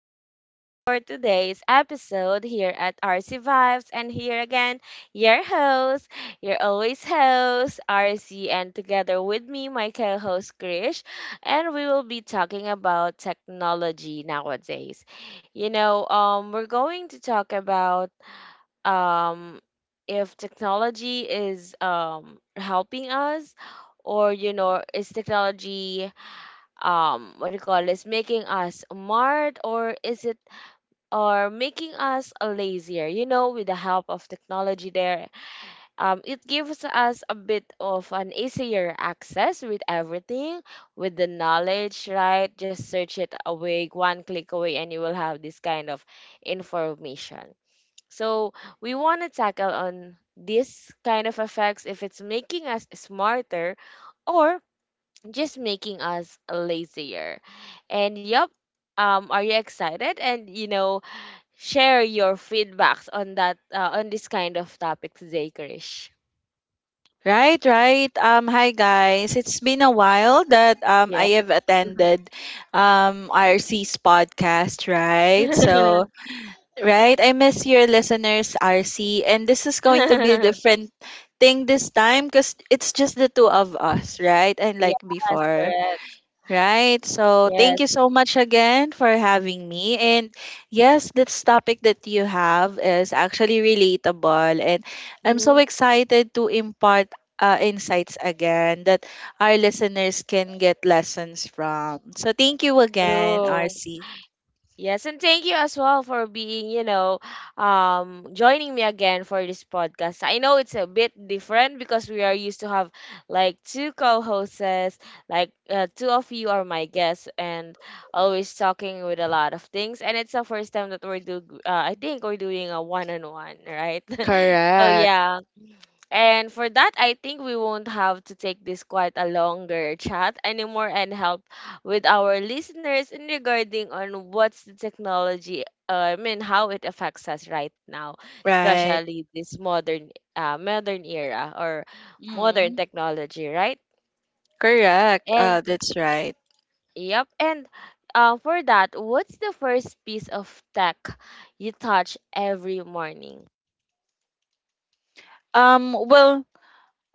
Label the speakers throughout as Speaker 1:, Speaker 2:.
Speaker 1: we are back for today's episode here at RC Vibes. And here again, your host, your always host, RC, and together with me, my co host, Krish. And we will be talking about technology nowadays. We're going to talk about um, if technology is helping us or, you know, is technology what do you call this making us smart or is it or making us lazier, you know, with the help of technology there. It gives us a bit of an easier access with everything, with the knowledge, right? Just search it away, one click away, and you will have this kind of information. So we want to tackle on this kind of effects, if it's making us smarter or just making us lazier. And yep, are you excited? And you know, share your feedbacks on that, on this kind of topic today, Krish.
Speaker 2: Right. Hi guys. It's been a while that
Speaker 1: Yeah.
Speaker 2: I have attended RC's podcast, right?
Speaker 1: Yes,
Speaker 2: So, right, I miss your listeners, RC, and this is going to be a different thing this time because it's just the two of us, right? And like before.
Speaker 1: correct.
Speaker 2: Right. So
Speaker 1: Yes.
Speaker 2: thank you so much again for having me. And yes, this topic that you have is actually relatable. And I'm so
Speaker 1: Hmm.
Speaker 2: excited to impart insights again that our listeners can get lessons from. So thank you again,
Speaker 1: True.
Speaker 2: RC.
Speaker 1: Yes, and thank you as well for being, you know, joining me again for this podcast. I know it's a bit different because we are used to have like two co-hosts, like two of you are my guests, and always talking with a lot of things. And it's the first time that I think we're doing a one-on-one, right? So
Speaker 2: Correct.
Speaker 1: yeah, and for that, I think we won't have to take this quite a longer chat anymore and help with our listeners in regarding on what's the technology, I mean, how it affects us right now,
Speaker 2: Right.
Speaker 1: especially this modern era or modern
Speaker 2: Mm,
Speaker 1: technology, right?
Speaker 2: correct.
Speaker 1: And
Speaker 2: That's right.
Speaker 1: yep, and for that, what's the first piece of tech you touch every morning?
Speaker 2: Well,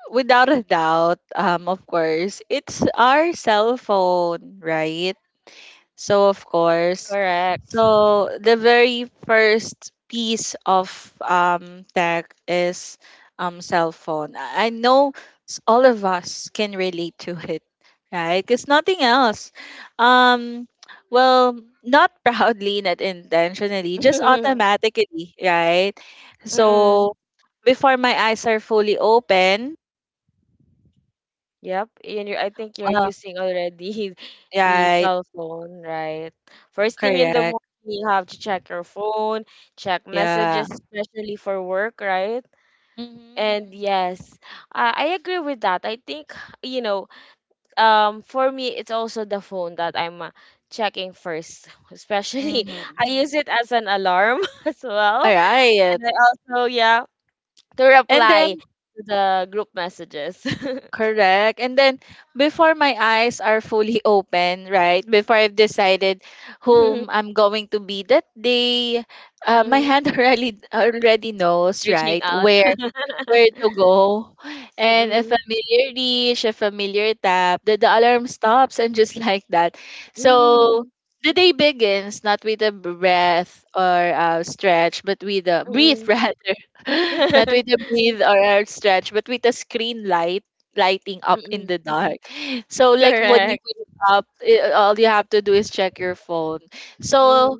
Speaker 2: without a doubt, of course, it's our cell phone, right? So of course,
Speaker 1: Correct.
Speaker 2: so the very first piece of tech is cell phone. I know all of us can relate to it, right? Because nothing else. Um, well, not proudly, not intentionally, just automatically, right?
Speaker 1: Mm-mm.
Speaker 2: So before my eyes are fully open,
Speaker 1: Yep, and you're, I think you're
Speaker 2: uh,
Speaker 1: using already the
Speaker 2: right?
Speaker 1: cell phone, right? First thing in the
Speaker 2: Correct.
Speaker 1: morning, you have to check your phone, check
Speaker 2: Yeah.
Speaker 1: messages, especially for work, right? And
Speaker 2: Mm-hmm.
Speaker 1: yes, I agree with that. I think, you know, for me, it's also the phone that I'm checking first, especially
Speaker 2: Mm-hmm.
Speaker 1: I use it as an alarm as
Speaker 2: All
Speaker 1: well.
Speaker 2: right.
Speaker 1: And I also, yeah, to
Speaker 2: And
Speaker 1: reply
Speaker 2: then,
Speaker 1: to the group messages.
Speaker 2: correct. And then, before my eyes are fully open, right? Before I've decided
Speaker 1: Mhm,
Speaker 2: whom I'm going to be that day, my
Speaker 1: mhm.
Speaker 2: hand already knows,
Speaker 1: Reaching
Speaker 2: right?
Speaker 1: out.
Speaker 2: Where to go. And a
Speaker 1: Mm.
Speaker 2: familiar reach, a familiar tap, the alarm stops and just like that. So
Speaker 1: Mm.
Speaker 2: the day begins not with a breath or a stretch, but with a breathe
Speaker 1: Mm.
Speaker 2: rather. Not with a breathe or a stretch, but with a screen light lighting up in
Speaker 1: Mm.
Speaker 2: the dark. So like when you
Speaker 1: Correct.
Speaker 2: wake up, all you have to do is check your phone.
Speaker 1: Mhm.
Speaker 2: So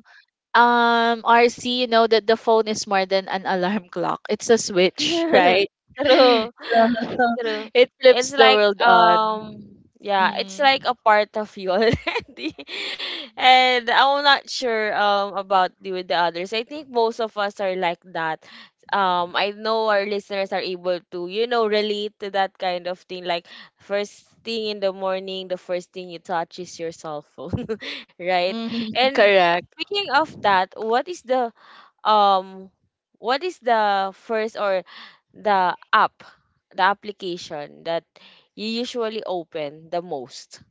Speaker 2: RC, you know that the phone is more than an alarm clock. It's a switch, right?
Speaker 1: True.
Speaker 2: So
Speaker 1: True.
Speaker 2: it flips
Speaker 1: It's
Speaker 2: the
Speaker 1: like
Speaker 2: world on.
Speaker 1: yeah, it's like
Speaker 2: Mm,
Speaker 1: a part of you already. And I'm not sure about the with the others. I think most of us are like that. I know our listeners are able to, you know, relate to that kind of thing. Like first thing in the morning, the first thing you touch is your cell phone. Right? And
Speaker 2: correct.
Speaker 1: speaking of that, um what is the first or the app the application that you usually open the most?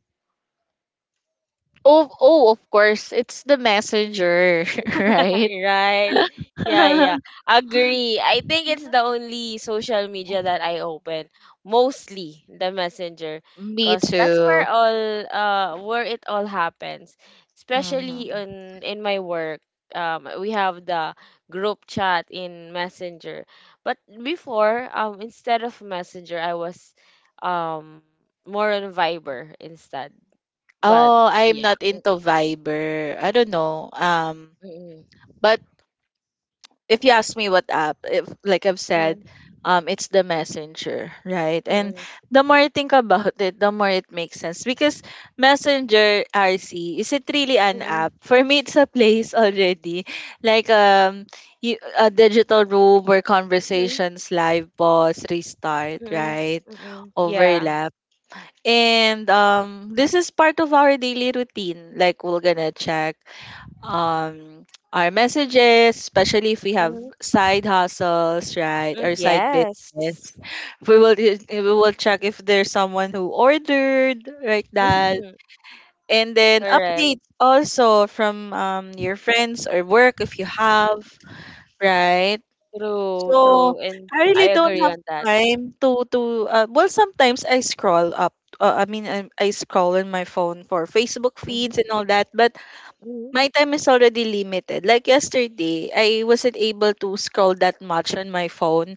Speaker 2: Oh, oh, of course, it's the messenger, right?
Speaker 1: Right. Yeah, yeah. Agree. I think it's the only social media that I open. Mostly the Messenger.
Speaker 2: Me
Speaker 1: Because that's
Speaker 2: too.
Speaker 1: where all where it all happens. Especially
Speaker 2: Mhm.
Speaker 1: on in my work. We have the group chat in Messenger. But before, instead of Messenger I was um more on Viber instead. But
Speaker 2: Oh, I'm
Speaker 1: yeah.
Speaker 2: not into Viber. I don't know.
Speaker 1: Mm,
Speaker 2: But if you ask me what app, if like I've
Speaker 1: mm,
Speaker 2: said,
Speaker 1: mm,
Speaker 2: it's the messenger, right?
Speaker 1: mm,
Speaker 2: And
Speaker 1: mm,
Speaker 2: the more I think about it, the more it makes sense because Messenger RC, is it really an
Speaker 1: mm,
Speaker 2: app? For me, it's a place already, like you, a digital room where
Speaker 1: mm, mm.
Speaker 2: conversations live, pause, restart,
Speaker 1: Mm,
Speaker 2: right,
Speaker 1: mm. Yeah.
Speaker 2: overlap. And this is part of our daily routine. Like we're gonna check um our messages, especially if we have
Speaker 1: Mhm,
Speaker 2: side hustles, right,
Speaker 1: mm,
Speaker 2: or side business.
Speaker 1: yes.
Speaker 2: We will check if there's someone who ordered like that.
Speaker 1: Mhm,
Speaker 2: And then
Speaker 1: correct.
Speaker 2: updates also from your friends or work if you have, right?
Speaker 1: True,
Speaker 2: So
Speaker 1: true. And
Speaker 2: I really
Speaker 1: I
Speaker 2: don't
Speaker 1: agree
Speaker 2: have
Speaker 1: on that.
Speaker 2: time to well, sometimes I scroll up I scroll on my phone for Facebook feeds
Speaker 1: Mhm,
Speaker 2: and all that, but
Speaker 1: mhm.
Speaker 2: my time is already limited. Like yesterday, I wasn't able to scroll that much on my phone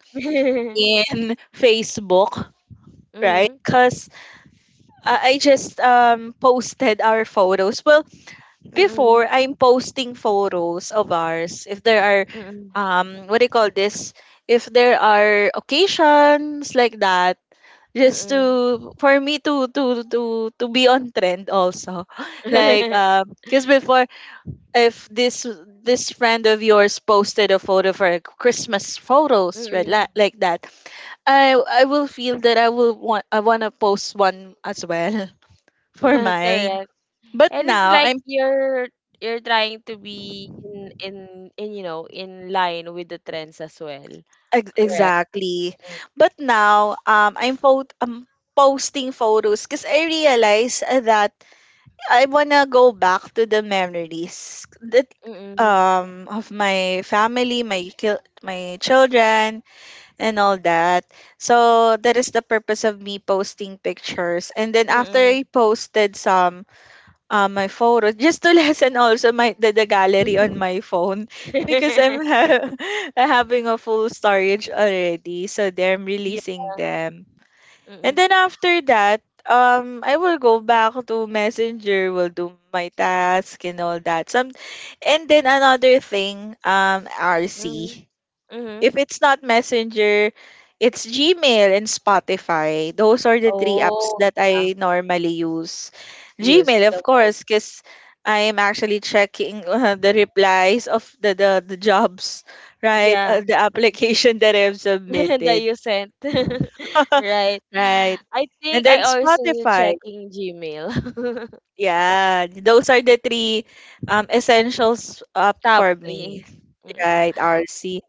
Speaker 2: in Facebook, right?
Speaker 1: Mhm,
Speaker 2: Because I just posted our photos. Well,
Speaker 1: mm,
Speaker 2: before, I'm posting photos of ours. If there are,
Speaker 1: mm, mm,
Speaker 2: what do you call this? If there are occasions like that,
Speaker 1: mm.
Speaker 2: just
Speaker 1: Mm.
Speaker 2: to, for me to be on trend also like because before, if this friend of yours posted a photo for Christmas photos, right, like that, I will feel that I want to post one as well for mine.
Speaker 1: Correct.
Speaker 2: But
Speaker 1: And it's
Speaker 2: now
Speaker 1: like
Speaker 2: I'm
Speaker 1: you're you're trying to be in in in you know in line with the trends as well.
Speaker 2: ex-
Speaker 1: Correct.
Speaker 2: exactly. But now I'm photo posting photos because I realize that I wanna go back to the memories that
Speaker 1: Mm, mm,
Speaker 2: of my family, my children and all that. So that is the purpose of me posting pictures. And then
Speaker 1: mm,
Speaker 2: after I
Speaker 1: mm.
Speaker 2: posted some my photos, just to lessen also the gallery on my phone because having a full storage already. So there I'm
Speaker 1: Yeah.
Speaker 2: releasing them. And
Speaker 1: Mm,
Speaker 2: then after that, I will go back to Messenger, will do my task and all that. And then another thing,
Speaker 1: mm,
Speaker 2: RC.
Speaker 1: mm, mm.
Speaker 2: If it's not Messenger, it's Gmail and Spotify. Those are the three apps
Speaker 1: Oh,
Speaker 2: that
Speaker 1: yeah.
Speaker 2: I normally use.
Speaker 1: Use
Speaker 2: Gmail,
Speaker 1: the
Speaker 2: of
Speaker 1: most.
Speaker 2: course, because I am actually checking the replies of the jobs, right?
Speaker 1: Yeah,
Speaker 2: The application that I've
Speaker 1: that
Speaker 2: submitted.
Speaker 1: you sent. Right.
Speaker 2: Right.
Speaker 1: I
Speaker 2: And
Speaker 1: think I
Speaker 2: then
Speaker 1: also
Speaker 2: Spotify.
Speaker 1: checking Gmail.
Speaker 2: Yeah, those are the three essentials up
Speaker 1: Top
Speaker 2: for me,
Speaker 1: three. Mm-mm.
Speaker 2: right, RC.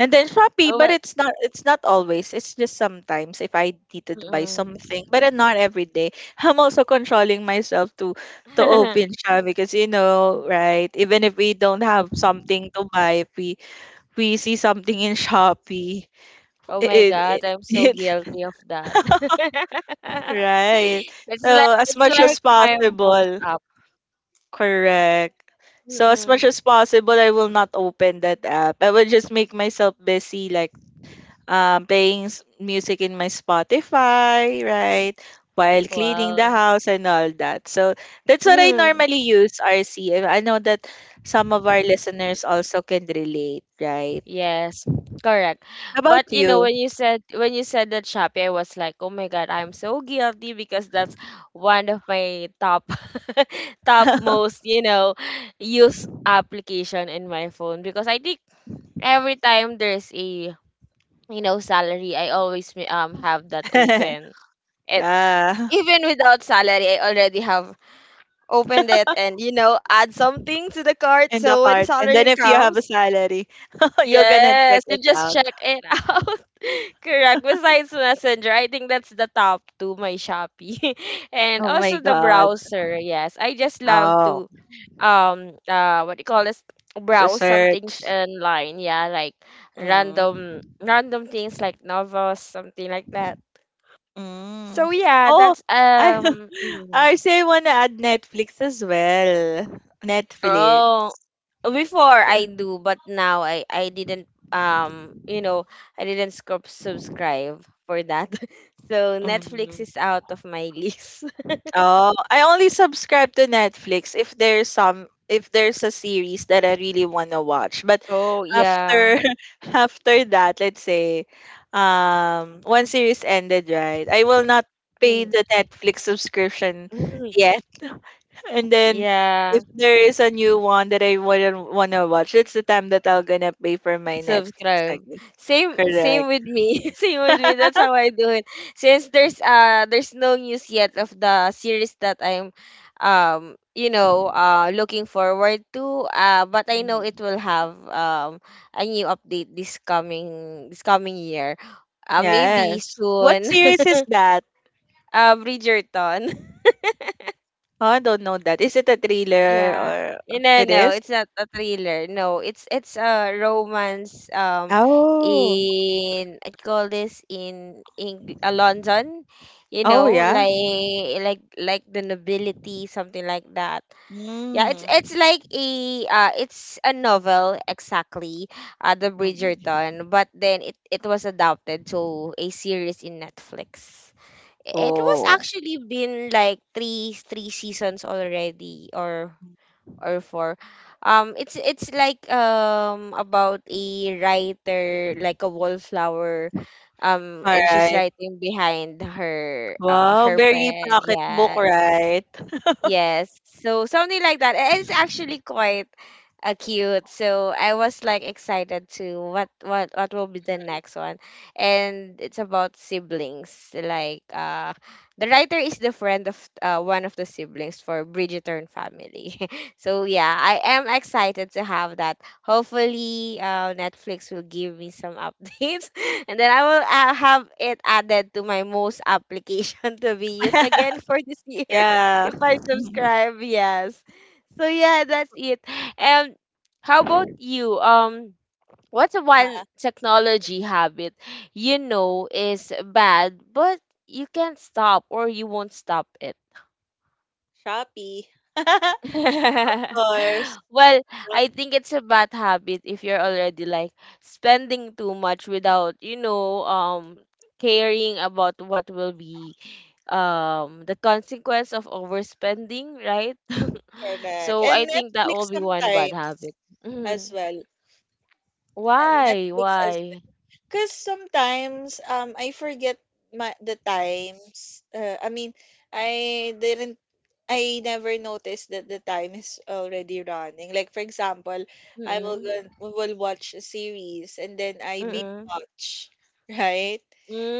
Speaker 2: And then Shopee,
Speaker 1: Oh,
Speaker 2: but
Speaker 1: well,
Speaker 2: it's not always. It's just sometimes if I needed to buy something,
Speaker 1: mm-mm.
Speaker 2: but not every day. I'm also controlling myself to open Shopee because you know, right? Even if we don't have something to buy, if we see something in Shopee,
Speaker 1: Oh my
Speaker 2: it it,
Speaker 1: God, I'm so
Speaker 2: it
Speaker 1: guilty of that.
Speaker 2: right. So as
Speaker 1: It's
Speaker 2: much
Speaker 1: like
Speaker 2: as
Speaker 1: my most
Speaker 2: possible,
Speaker 1: app.
Speaker 2: correct. So as much
Speaker 1: Mm-mm.
Speaker 2: as possible, I will not open that app. I will just make myself busy, like playing music in my Spotify, right? While cleaning the
Speaker 1: Wow.
Speaker 2: house and all that. So that's what I normally use, RC. And I know that some of our listeners also can relate, right?
Speaker 1: Yes, correct.
Speaker 2: How about
Speaker 1: But you know,
Speaker 2: you?
Speaker 1: when you said that Shopee, I was like, oh my God, I'm so guilty because that's one of my top top most, you know, use application in my phone because I think every time there's a you know salary, I always have that open. It
Speaker 2: Yeah.
Speaker 1: even without salary, I already have opened it and you know add something to the cart.
Speaker 2: In the
Speaker 1: So when
Speaker 2: cart. And then
Speaker 1: salary
Speaker 2: if you have a
Speaker 1: comes,
Speaker 2: salary, you're gonna check
Speaker 1: yes, you
Speaker 2: it
Speaker 1: just
Speaker 2: out.
Speaker 1: check it out. Correct. Besides Messenger, I think that's the top two, my Shopee. And
Speaker 2: Oh my
Speaker 1: also the
Speaker 2: god.
Speaker 1: browser. Yes, I just love
Speaker 2: Oh.
Speaker 1: to what do you call this
Speaker 2: To
Speaker 1: browse some things
Speaker 2: search.
Speaker 1: online, yeah, like
Speaker 2: Mm.
Speaker 1: random things like novels, something like that. So
Speaker 2: Mm.
Speaker 1: yeah,
Speaker 2: Oh,
Speaker 1: that's
Speaker 2: I I say wanna add Netflix as well. Netflix.
Speaker 1: oh, before I do, but now I didn't you know I didn't scrub subscribe for that. So Netflix
Speaker 2: Mm.
Speaker 1: is out of my list.
Speaker 2: Oh, I only subscribe to Netflix if there's some, if there's a series that I really wanna watch. But
Speaker 1: Oh yeah.
Speaker 2: after after that, let's say one series ended, right? I will not pay
Speaker 1: Mm,
Speaker 2: the Netflix subscription.
Speaker 1: mm,
Speaker 2: And then
Speaker 1: Yeah.
Speaker 2: if there is a new one that I wouldn't want to watch, it's the time that I'll gonna pay for my Netflix, I
Speaker 1: Subscribe.
Speaker 2: guess.
Speaker 1: Same same
Speaker 2: Correct.
Speaker 1: with me. Same with me. That's how I do it. Since there's no news yet of the series that I'm you know looking forward to, uh, but I know
Speaker 2: Mhm.
Speaker 1: it will have a new update this coming year. Maybe
Speaker 2: Yes. What
Speaker 1: soon.
Speaker 2: series is that?
Speaker 1: Uh, Bridgerton.
Speaker 2: Oh, I don't know that. Is it a thriller,
Speaker 1: Yeah. Eh,
Speaker 2: or
Speaker 1: no,
Speaker 2: it
Speaker 1: no,
Speaker 2: is?
Speaker 1: it's not a thriller. No, it's a romance
Speaker 2: Oh.
Speaker 1: in I call this in Eng London, you
Speaker 2: Oh
Speaker 1: know,
Speaker 2: yeah.
Speaker 1: like like the nobility, something like that. Yeah,
Speaker 2: Mm.
Speaker 1: it's like a it's a novel exactly, the
Speaker 2: Mm.
Speaker 1: Bridgerton, but then it was adapted to a series in Netflix. It was
Speaker 2: Oh.
Speaker 1: actually been like three seasons already or four. It's like about a writer, like a wallflower,
Speaker 2: All
Speaker 1: and she's
Speaker 2: right.
Speaker 1: writing behind her
Speaker 2: Wow,
Speaker 1: her
Speaker 2: very
Speaker 1: pen.
Speaker 2: pocketbook,
Speaker 1: Yes,
Speaker 2: right?
Speaker 1: yes. So something like that. And it's actually quite cute. So I was like excited to what will be the next one. And it's about siblings. Like the writer is the friend of one of the siblings for Bridgerton family. So yeah, I am excited to have that. Hopefully Netflix will give me some updates and then I will have it added to my most application to be used again for this year
Speaker 2: Yeah.
Speaker 1: if I
Speaker 2: Mhm.
Speaker 1: subscribe, yes. So yeah, that's it. And how about you? What's one
Speaker 2: Ah,
Speaker 1: technology habit you know is bad, but you can't stop or you won't stop it?
Speaker 2: Shopee. Of course.
Speaker 1: Well, I think it's a bad habit if you're already like spending too much without, you know, caring about what will be the consequence of overspending, right?
Speaker 2: Correct.
Speaker 1: So I
Speaker 2: And
Speaker 1: think that will
Speaker 2: Netflix
Speaker 1: be one bad
Speaker 2: sometimes
Speaker 1: habit.
Speaker 2: as
Speaker 1: Mhm.
Speaker 2: well. And
Speaker 1: Why?
Speaker 2: Netflix as well.
Speaker 1: Why?
Speaker 2: Because sometimes I forget the times. I didn't, I never noticed that the time is already running. Like for example, I will
Speaker 1: Mm-mm.
Speaker 2: go, will watch a series and then I binge
Speaker 1: Mm-mm.
Speaker 2: watch, right?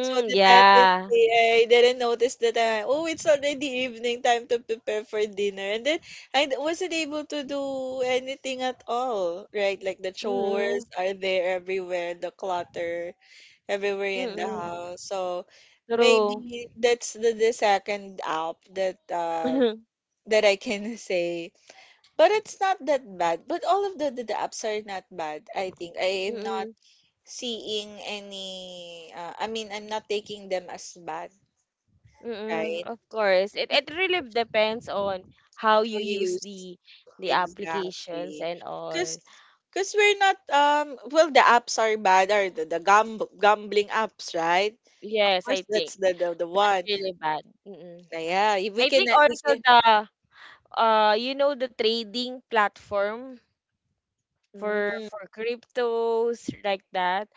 Speaker 2: So the
Speaker 1: yeah.
Speaker 2: tendency, I didn't notice the time. Oh, it's already evening, time to prepare for dinner. And then wasn't able to do anything at all, right? Like the chores
Speaker 1: Mm-mm.
Speaker 2: are there everywhere, the clutter everywhere in the
Speaker 1: Mm-mm.
Speaker 2: house. So
Speaker 1: True.
Speaker 2: maybe that's the second app that that I can say. But it's not that bad. But all of the apps are not bad, I think. I am not
Speaker 1: Mm-mm.
Speaker 2: seeing any, I'm not taking them as bad,
Speaker 1: Mm-mm.
Speaker 2: right?
Speaker 1: Of course. It really depends on how
Speaker 2: How
Speaker 1: you
Speaker 2: you
Speaker 1: use
Speaker 2: use
Speaker 1: the applications
Speaker 2: exactly,
Speaker 1: and
Speaker 2: because
Speaker 1: all.
Speaker 2: we're not well, the apps are bad are the gambling apps, right? Of
Speaker 1: Yes,
Speaker 2: course,
Speaker 1: I think
Speaker 2: that's the one.
Speaker 1: really bad. Mm-mm.
Speaker 2: Like, yeah, if we
Speaker 1: I
Speaker 2: can
Speaker 1: think
Speaker 2: we
Speaker 1: also
Speaker 2: can,
Speaker 1: the you know the trading platform
Speaker 2: mm,
Speaker 1: for cryptos like that.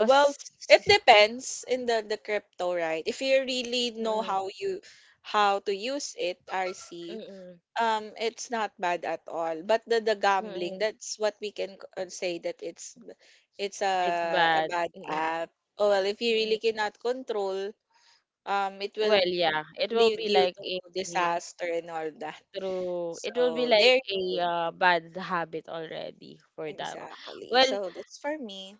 Speaker 2: well, it depends in the crypto, right? If you really know
Speaker 1: mm,
Speaker 2: how you, how to use it, RC.
Speaker 1: mm, mm,
Speaker 2: It's not bad at all. But the gambling,
Speaker 1: mm,
Speaker 2: that's what we can say that it's a
Speaker 1: it's bad.
Speaker 2: bad
Speaker 1: Mm,
Speaker 2: app. Oh, well, if you
Speaker 1: mm.
Speaker 2: really cannot control, it
Speaker 1: Well,
Speaker 2: will
Speaker 1: yeah, it will
Speaker 2: lead
Speaker 1: be
Speaker 2: you
Speaker 1: like
Speaker 2: to
Speaker 1: a
Speaker 2: disaster and all that.
Speaker 1: through it will be
Speaker 2: So there
Speaker 1: like
Speaker 2: you
Speaker 1: a
Speaker 2: go.
Speaker 1: bad habit already for that one.
Speaker 2: Exactly.
Speaker 1: Well,
Speaker 2: So that's for me.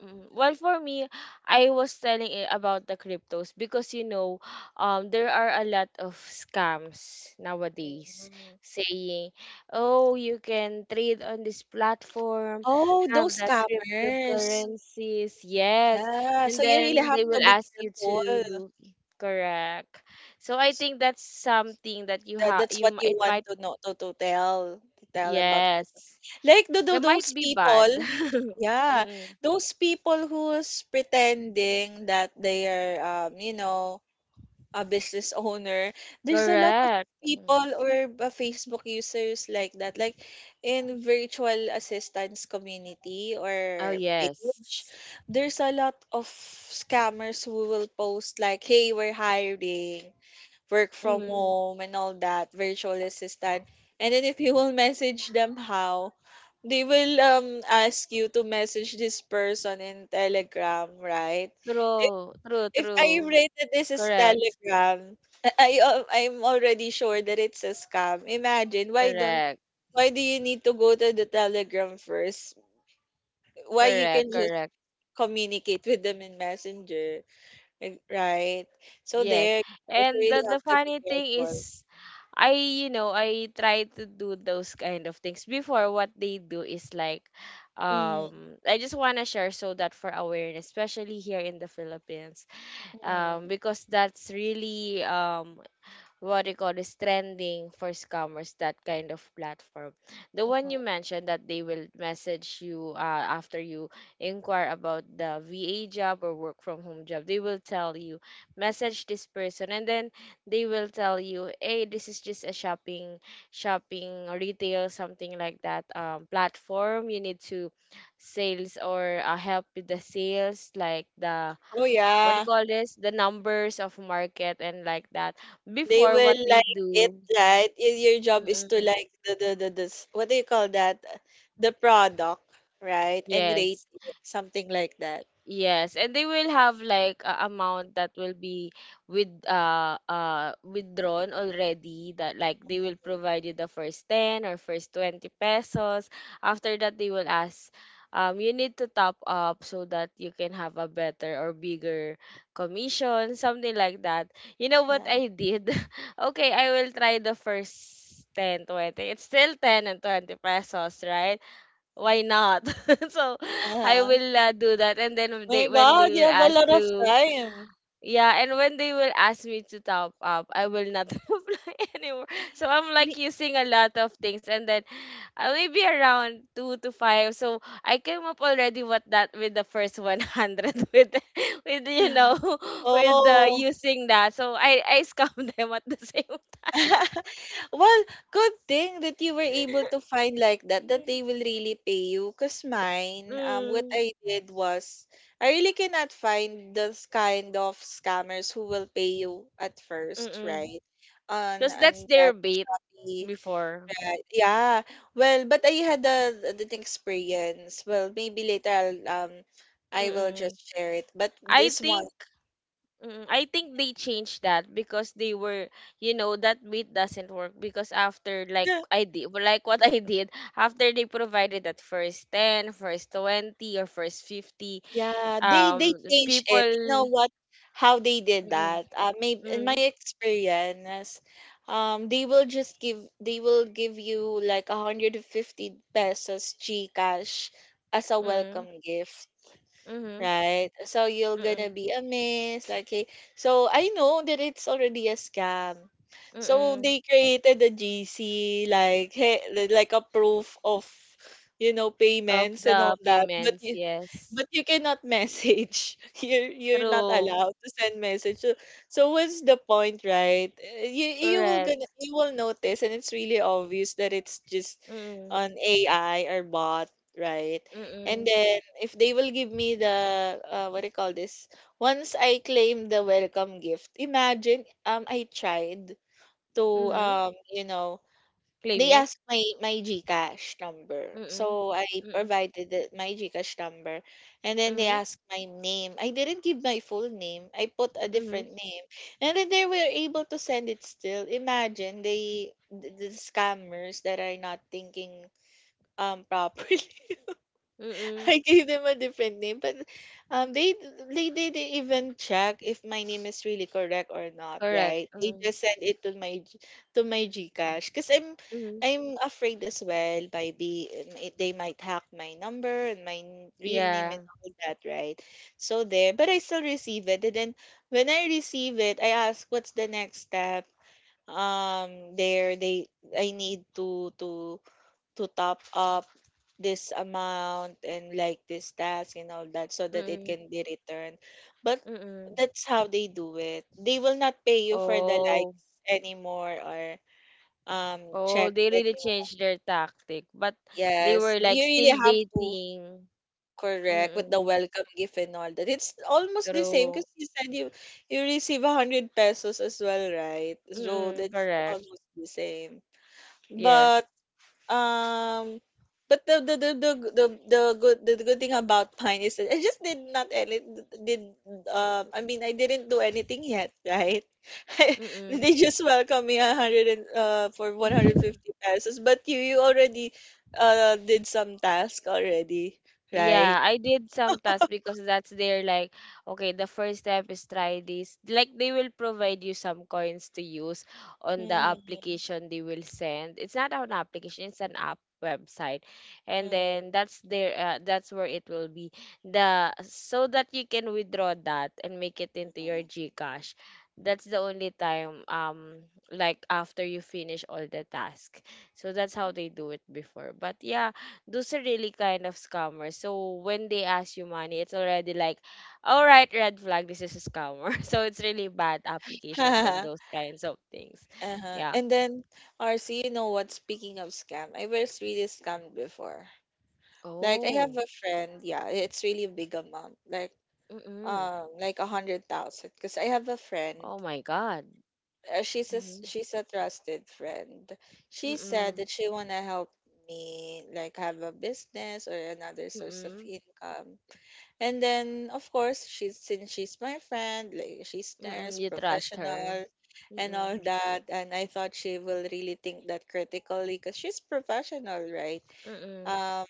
Speaker 1: mm, well, for me, I was telling it about the cryptos because you know, there are a lot of scams nowadays
Speaker 2: Mm.
Speaker 1: saying, "Oh, you can trade on this platform,
Speaker 2: Oh,
Speaker 1: have
Speaker 2: those
Speaker 1: that
Speaker 2: scammers.
Speaker 1: cryptocurrencies." Yes,
Speaker 2: Yeah.
Speaker 1: and
Speaker 2: So you really
Speaker 1: then
Speaker 2: have
Speaker 1: they
Speaker 2: to
Speaker 1: will
Speaker 2: be
Speaker 1: ask you
Speaker 2: careful.
Speaker 1: to correct. So I think that's something that you
Speaker 2: That
Speaker 1: have.
Speaker 2: that's what you
Speaker 1: It
Speaker 2: want
Speaker 1: might
Speaker 2: to know to tell about crypto.
Speaker 1: yes,
Speaker 2: Like the
Speaker 1: it might
Speaker 2: those
Speaker 1: be
Speaker 2: people,
Speaker 1: bad.
Speaker 2: yeah,
Speaker 1: Mm-mm.
Speaker 2: those people who's pretending that they are you know, a business owner. There's a lot of
Speaker 1: Correct. Mm.
Speaker 2: people or Facebook users like that, like in virtual assistance community
Speaker 1: Oh,
Speaker 2: or page.
Speaker 1: yes.
Speaker 2: There's a lot of scammers who will post like, "Hey, we're hiring." Work from
Speaker 1: Mhm.
Speaker 2: home and all that, virtual assistant. And then if you will message them how, they will ask you to message this person in Telegram, right? If,
Speaker 1: True, true,
Speaker 2: if I
Speaker 1: true.
Speaker 2: read that this is
Speaker 1: Correct,
Speaker 2: Telegram, I I'm already sure that it's a scam. Imagine, why don't,
Speaker 1: correct,
Speaker 2: why do you need to go to the Telegram first? Why you
Speaker 1: correct,
Speaker 2: can just
Speaker 1: correct.
Speaker 2: communicate with them in Messenger, like, right? So
Speaker 1: Yes.
Speaker 2: there, guys, you
Speaker 1: And
Speaker 2: really
Speaker 1: the
Speaker 2: have to be
Speaker 1: funny thing
Speaker 2: careful.
Speaker 1: is, I, you know, I try to do those kind of things. Before, what they do is like,
Speaker 2: Mm.
Speaker 1: I just want to share so that for awareness, especially here in the Philippines,
Speaker 2: Mm,
Speaker 1: because that's really, what they call is trending for scammers, that kind of platform. The one you
Speaker 2: mhm.
Speaker 1: mentioned that they will message you after you inquire about the VA job or work from home job, they will tell you, message this person, and then they will tell you, hey, this is just a shopping, shopping or retail, something like that platform. You need to sales or help with the sales, like the
Speaker 2: Oh
Speaker 1: what do you
Speaker 2: yeah,
Speaker 1: call this the numbers of market and like that
Speaker 2: they
Speaker 1: before what
Speaker 2: will
Speaker 1: they
Speaker 2: like it,
Speaker 1: do
Speaker 2: right? Your job is to
Speaker 1: mm-mm,
Speaker 2: like the this, what do you call that? The product, right? And rate
Speaker 1: yes,
Speaker 2: it, something like that.
Speaker 1: yes, and they will have like a amount that will be with withdrawn already that like they will
Speaker 2: Mhm.
Speaker 1: provide you the first 10 or first 20 pesos. After that they will ask you need to top up so that you can have a better or bigger commission, something like that. You know what
Speaker 2: Yeah.
Speaker 1: I did? Okay, I will try the first 10, 20. It's still 10 and 20 pesos, right? Why not? So I
Speaker 2: Uh-huh.
Speaker 1: will do that, and then when they
Speaker 2: My
Speaker 1: when they
Speaker 2: God, you
Speaker 1: will
Speaker 2: have a
Speaker 1: ask
Speaker 2: lot of
Speaker 1: to
Speaker 2: time.
Speaker 1: yeah, and when they will ask me to top up, I will not reply anymore. So I'm like
Speaker 2: We-
Speaker 1: using a lot of things, and then maybe around two to five. So I came up already with that with the first 100 with with you know with
Speaker 2: Oh.
Speaker 1: using that. So I scam them at the same time.
Speaker 2: Well, good thing that you were able to find like that, that they will really pay you. Because mine, what
Speaker 1: Mm,
Speaker 2: I did was, I really cannot find those kind of scammers who will pay you at
Speaker 1: mm,
Speaker 2: first,
Speaker 1: mm,
Speaker 2: right?
Speaker 1: because that's
Speaker 2: On
Speaker 1: their
Speaker 2: that,
Speaker 1: bait
Speaker 2: the-
Speaker 1: before.
Speaker 2: right, yeah. Well, but I had the experience. Well, maybe later I'll, I will
Speaker 1: Mm-mm.
Speaker 2: just share it. But
Speaker 1: I
Speaker 2: this one,
Speaker 1: think I think they changed that because they were you know that bait doesn't work because after like I did well, like what I did after they provided that first 10, first 20 or first 50
Speaker 2: yeah, they
Speaker 1: um
Speaker 2: change it. You
Speaker 1: people.
Speaker 2: know what? How they did
Speaker 1: Mm,
Speaker 2: that? Maybe in my
Speaker 1: mm,
Speaker 2: experience, they will give you like 150 pesos GCash as a
Speaker 1: mm,
Speaker 2: welcome gift,
Speaker 1: mm,
Speaker 2: right? So you're gonna
Speaker 1: mm,
Speaker 2: be amazed. Like, hey, so I know that it's already a scam. So
Speaker 1: mm,
Speaker 2: they created a GC, like, hey, like a proof of
Speaker 1: of
Speaker 2: payments and
Speaker 1: the
Speaker 2: all that, but
Speaker 1: payments, yes.
Speaker 2: you cannot message. You're not
Speaker 1: True.
Speaker 2: allowed to send message. So what's the point, right? You you will gonna
Speaker 1: Correct.
Speaker 2: you will notice, and it's really obvious that it's just
Speaker 1: Mm,
Speaker 2: on AI or bot, right?
Speaker 1: mm,
Speaker 2: And
Speaker 1: mm,
Speaker 2: then if they will give me the what do you call this? Once I claim the welcome gift, imagine, I tried to
Speaker 1: mm,
Speaker 2: you know
Speaker 1: claim
Speaker 2: they
Speaker 1: it.
Speaker 2: asked my GCash number.
Speaker 1: Mm.
Speaker 2: So I
Speaker 1: Mm.
Speaker 2: provided my GCash number, and then they
Speaker 1: Mhm.
Speaker 2: asked my name. I didn't give my full name. I put a
Speaker 1: Mhm.
Speaker 2: different name. And then they were able to send it still. Imagine, the scammers that are not thinking, properly.
Speaker 1: Mm.
Speaker 2: I gave them a different name, but um, they they didn't even check if my name is really correct or not,
Speaker 1: Correct.
Speaker 2: right? They
Speaker 1: Mm.
Speaker 2: just sent it to to my GCash because I'm
Speaker 1: Mhm.
Speaker 2: I'm afraid as well, maybe, they might hack my number and my real name
Speaker 1: Yeah.
Speaker 2: and all that, right? So there, but I still receive it, and then when I receive it, I ask, "What's the next step?" There they I need to top up this amount and like this task and all that so that it
Speaker 1: Mm.
Speaker 2: can be returned. But
Speaker 1: Mm.
Speaker 2: that's how they do it. They will not pay you for the
Speaker 1: Oh,
Speaker 2: likes anymore or
Speaker 1: oh,
Speaker 2: check
Speaker 1: they really
Speaker 2: anymore.
Speaker 1: changed their tactic, but they
Speaker 2: Yes,
Speaker 1: were
Speaker 2: you
Speaker 1: like
Speaker 2: really
Speaker 1: still
Speaker 2: have to
Speaker 1: baiting.
Speaker 2: correct with the
Speaker 1: Mm.
Speaker 2: welcome gift and all that. It's almost the same because
Speaker 1: True.
Speaker 2: you said you receive 100 pesos as well, right? So
Speaker 1: Mm-mm,
Speaker 2: that's
Speaker 1: correct.
Speaker 2: almost the same.
Speaker 1: Yes.
Speaker 2: But Um, but the good thing about mine is that did I mean, I didn't do anything yet, right?
Speaker 1: Mm.
Speaker 2: They just welcome me a hundred and for one hundred fifty pesos, but you already did some task already,
Speaker 1: Yeah,
Speaker 2: right?
Speaker 1: I did some tasks because that's their like, okay, the first step is try this. Like they will provide you some coins to use on the
Speaker 2: Mm-hmm.
Speaker 1: application they will send. It's not an application, it's an app website. And then that's where it will be. The So that you can withdraw that and make it into your GCash. That's the only time, like after you finish all the task. So that's how they do it before. But yeah, those are really kind of scammers. So when they ask you money, it's already like, all right, red flag, this is a scammer. So it's really bad applications on those kinds of things.
Speaker 2: Uh-huh.
Speaker 1: Yeah.
Speaker 2: And then RC, you know what? Speaking of scam, I was really scammed before. Like, I have
Speaker 1: Oh.
Speaker 2: a friend, yeah, it's really a big amount, like
Speaker 1: Mm-mm.
Speaker 2: um, like 100,000. Because I have a friend,
Speaker 1: Oh my God. Mm-mm.
Speaker 2: she's a trusted friend. She said
Speaker 1: Mm-mm.
Speaker 2: that she wanna help me, like, have a business or another source of
Speaker 1: Mm-mm.
Speaker 2: income. And then of course, she's since she's my friend, like, she's nurse,
Speaker 1: Mm-mm. You trust her.
Speaker 2: professional, and all
Speaker 1: Mm-mm.
Speaker 2: that. And I thought she will really think that critically, because she's professional, right?
Speaker 1: Mm-mm.
Speaker 2: Um,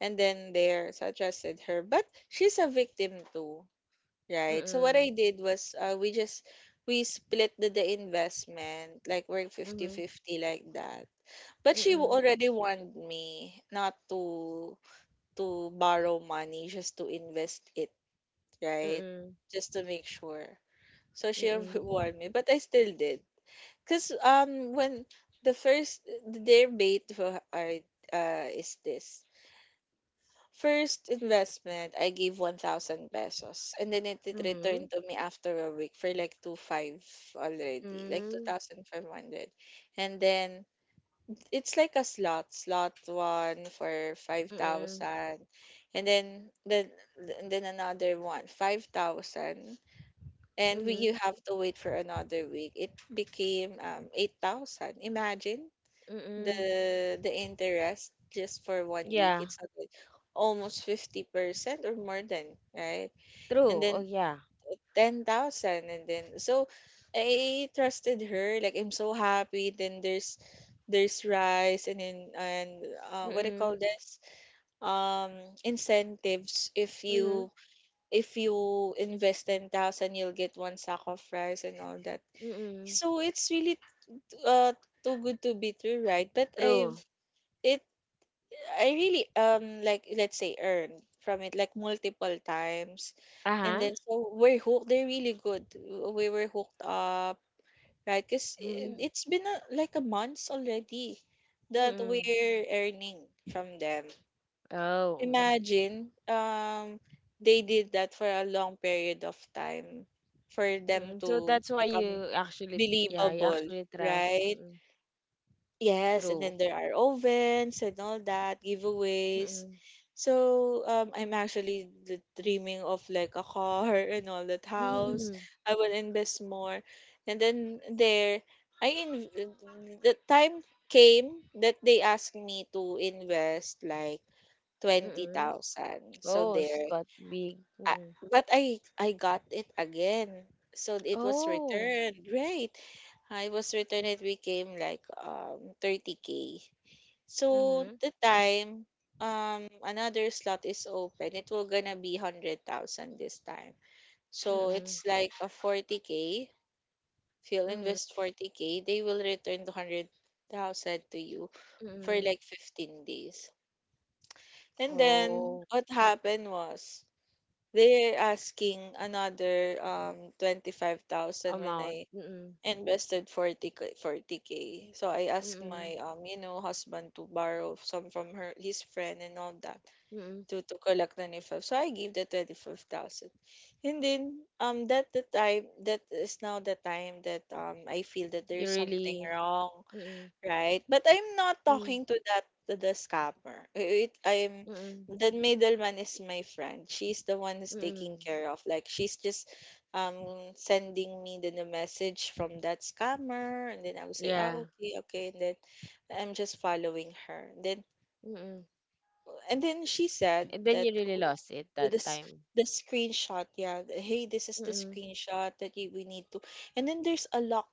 Speaker 2: and then there, so I trusted her. But she's a victim too, right? So what
Speaker 1: Mm-mm.
Speaker 2: I did was, we split the investment, like, we're
Speaker 1: Mm-mm.
Speaker 2: 50-50 like that. But she
Speaker 1: Mm-mm.
Speaker 2: already warned me not to borrow money just to invest it, right?
Speaker 1: Mm-mm.
Speaker 2: Just to make sure. So she
Speaker 1: Mm-mm.
Speaker 2: warned me, but I still did. Cause when their bait for is this. First investment, I gave 1,000 pesos, and then it
Speaker 1: Mm-hmm.
Speaker 2: returned to me after a week for like two five already, like
Speaker 1: Mm-mm.
Speaker 2: 2,500. And then it's like a slot, one for
Speaker 1: Mm-mm.
Speaker 2: 5,000. And then then and then another one, 5,000. And we
Speaker 1: Mm-mm.
Speaker 2: you have to wait for another week. It became, 8,000. Imagine,
Speaker 1: Mm-mm.
Speaker 2: the interest just for 1 week,
Speaker 1: Yeah.
Speaker 2: it's not like almost 50% or more, than right?
Speaker 1: True.
Speaker 2: And
Speaker 1: Oh
Speaker 2: then
Speaker 1: yeah.
Speaker 2: 10,000. And then so I trusted her, like, I'm so happy. Then there's rice, and then, and what do you
Speaker 1: Mm-mm.
Speaker 2: call this? um Incentives, if
Speaker 1: Mhm,
Speaker 2: you, if you invest 10,000, you'll get one sack of rice and all that.
Speaker 1: mm.
Speaker 2: So it's really, uh too good to be true, right? But I've
Speaker 1: True.
Speaker 2: it I really, like, let's say, earn from it like multiple times, and
Speaker 1: Uh-huh.
Speaker 2: then so we're hooked. They're really good. We were hooked up, right? Because
Speaker 1: Mhm,
Speaker 2: it's been, like, a month already that
Speaker 1: mm.
Speaker 2: we're earning from them.
Speaker 1: Oh, mm.
Speaker 2: Imagine, they did that for a long period of time for them
Speaker 1: Mm, so
Speaker 2: to
Speaker 1: that's why
Speaker 2: become
Speaker 1: you actually, yeah, you
Speaker 2: believable,
Speaker 1: actually trust.
Speaker 2: right?
Speaker 1: Mm,
Speaker 2: Yes, and
Speaker 1: true.
Speaker 2: then there are ovens and all that, giveaways.
Speaker 1: Mm.
Speaker 2: So, I'm actually dreaming of like a car and all that, house.
Speaker 1: Mm.
Speaker 2: I will invest more. And then, there, I in the time came that they asked me to invest like
Speaker 1: Mm.
Speaker 2: 20,000. So
Speaker 1: Oh,
Speaker 2: there,
Speaker 1: Scott Big.
Speaker 2: I,
Speaker 1: Mm-mm.
Speaker 2: but I got it again. So it was
Speaker 1: Oh.
Speaker 2: returned. Great. I was Returned, it became like, 30k. So
Speaker 1: Mhm.
Speaker 2: the time, another slot is open, it will gonna be 100,000 this time. So
Speaker 1: Mm.
Speaker 2: it's like a 40 k. If you'll
Speaker 1: Mhm.
Speaker 2: invest 40 k, they will return the 100,000 to you for
Speaker 1: Mm.
Speaker 2: like 15 days. And then
Speaker 1: Oh,
Speaker 2: what happened was, they're asking another, 25,000 when
Speaker 1: amount.
Speaker 2: I
Speaker 1: Mm-mm.
Speaker 2: invested 40 k 40k, so I asked
Speaker 1: Mm.
Speaker 2: my, husband to borrow some from her his friend and all that,
Speaker 1: Mm.
Speaker 2: to collect 25. So I gave the 25,000. And then, that the time that is now the time that I feel that
Speaker 1: You
Speaker 2: there's something
Speaker 1: really.
Speaker 2: wrong,
Speaker 1: Mm.
Speaker 2: right? But I'm not
Speaker 1: Mm.
Speaker 2: talking to that to the scammer. It, I'm
Speaker 1: Mm.
Speaker 2: The middleman is my friend. She's the one who's taking
Speaker 1: Mm.
Speaker 2: care of. Like, she's just, um sending me the message from that scammer, and then I would say, "Ah,
Speaker 1: Yeah.
Speaker 2: okay, okay." And then I'm just following her. Then
Speaker 1: Mm.
Speaker 2: and then she said
Speaker 1: And then
Speaker 2: that,
Speaker 1: you really
Speaker 2: "Oh,
Speaker 1: lost it
Speaker 2: the
Speaker 1: that
Speaker 2: the s-
Speaker 1: time.
Speaker 2: the screenshot, yeah, hey, this is the screenshot that we need to." And then there's a lock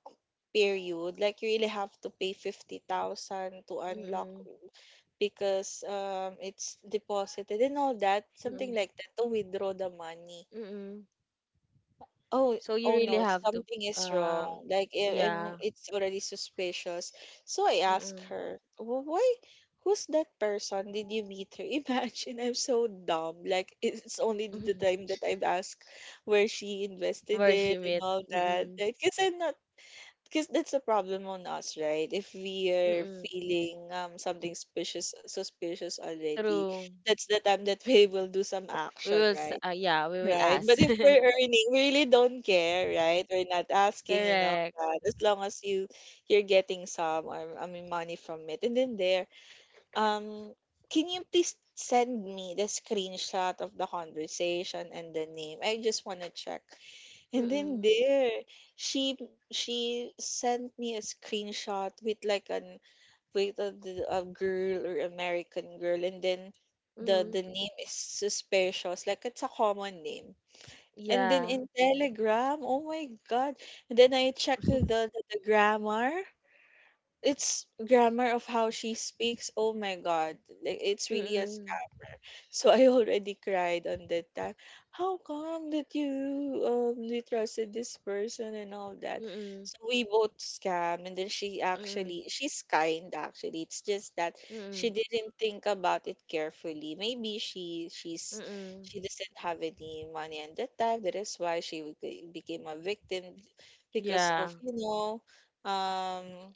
Speaker 2: period, like, you really have to pay 50,000 to unlock
Speaker 1: Mm,
Speaker 2: because, it's deposited and all that, something
Speaker 1: mm,
Speaker 2: like that, to withdraw the money.
Speaker 1: mm.
Speaker 2: Oh,
Speaker 1: So you
Speaker 2: oh
Speaker 1: really
Speaker 2: no,
Speaker 1: have
Speaker 2: something
Speaker 1: to,
Speaker 2: is
Speaker 1: um,
Speaker 2: wrong. Like,
Speaker 1: yeah,
Speaker 2: it's already suspicious. So I asked
Speaker 1: mm,
Speaker 2: her, Why? Who's that person? Did you meet her?" Imagine, I'm so dumb. Like, it's only the time that I've asked where she invested it
Speaker 1: worship
Speaker 2: and
Speaker 1: it.
Speaker 2: all that.
Speaker 1: Mm,
Speaker 2: Like, because I'm not, because that's a problem on us, right? If we are
Speaker 1: mm,
Speaker 2: feeling, something suspicious already,
Speaker 1: true.
Speaker 2: that's the time that we will do some
Speaker 1: We
Speaker 2: action,
Speaker 1: will, s-
Speaker 2: right?
Speaker 1: yeah, we will
Speaker 2: Right,
Speaker 1: ask.
Speaker 2: but if we're earning, we really don't care, right? We're not asking,
Speaker 1: Correct.
Speaker 2: that as long as you're getting some, or I mean, money from it. And then there, um, can you please send me the screenshot of the conversation and the name? I just want to check. And then
Speaker 1: Mm,
Speaker 2: there, she she sent me a screenshot with like an with a girl or American girl, and then the
Speaker 1: mm,
Speaker 2: name is suspicious, like, it's a common name, and then
Speaker 1: yeah.
Speaker 2: in Telegram. Oh my God. And then I checked the grammar. It's grammar of how she speaks. Oh my God. Like, it's really a
Speaker 1: Mm,
Speaker 2: so I already cried on that time. How come that you trusted this person and all that?
Speaker 1: mm,
Speaker 2: So we both scam, and then
Speaker 1: mm,
Speaker 2: she's kind actually. It's just that she
Speaker 1: mm,
Speaker 2: didn't think about it carefully. Maybe she she's
Speaker 1: mm,
Speaker 2: she doesn't have any money at that time. That is why she became a victim because
Speaker 1: yeah.
Speaker 2: of, um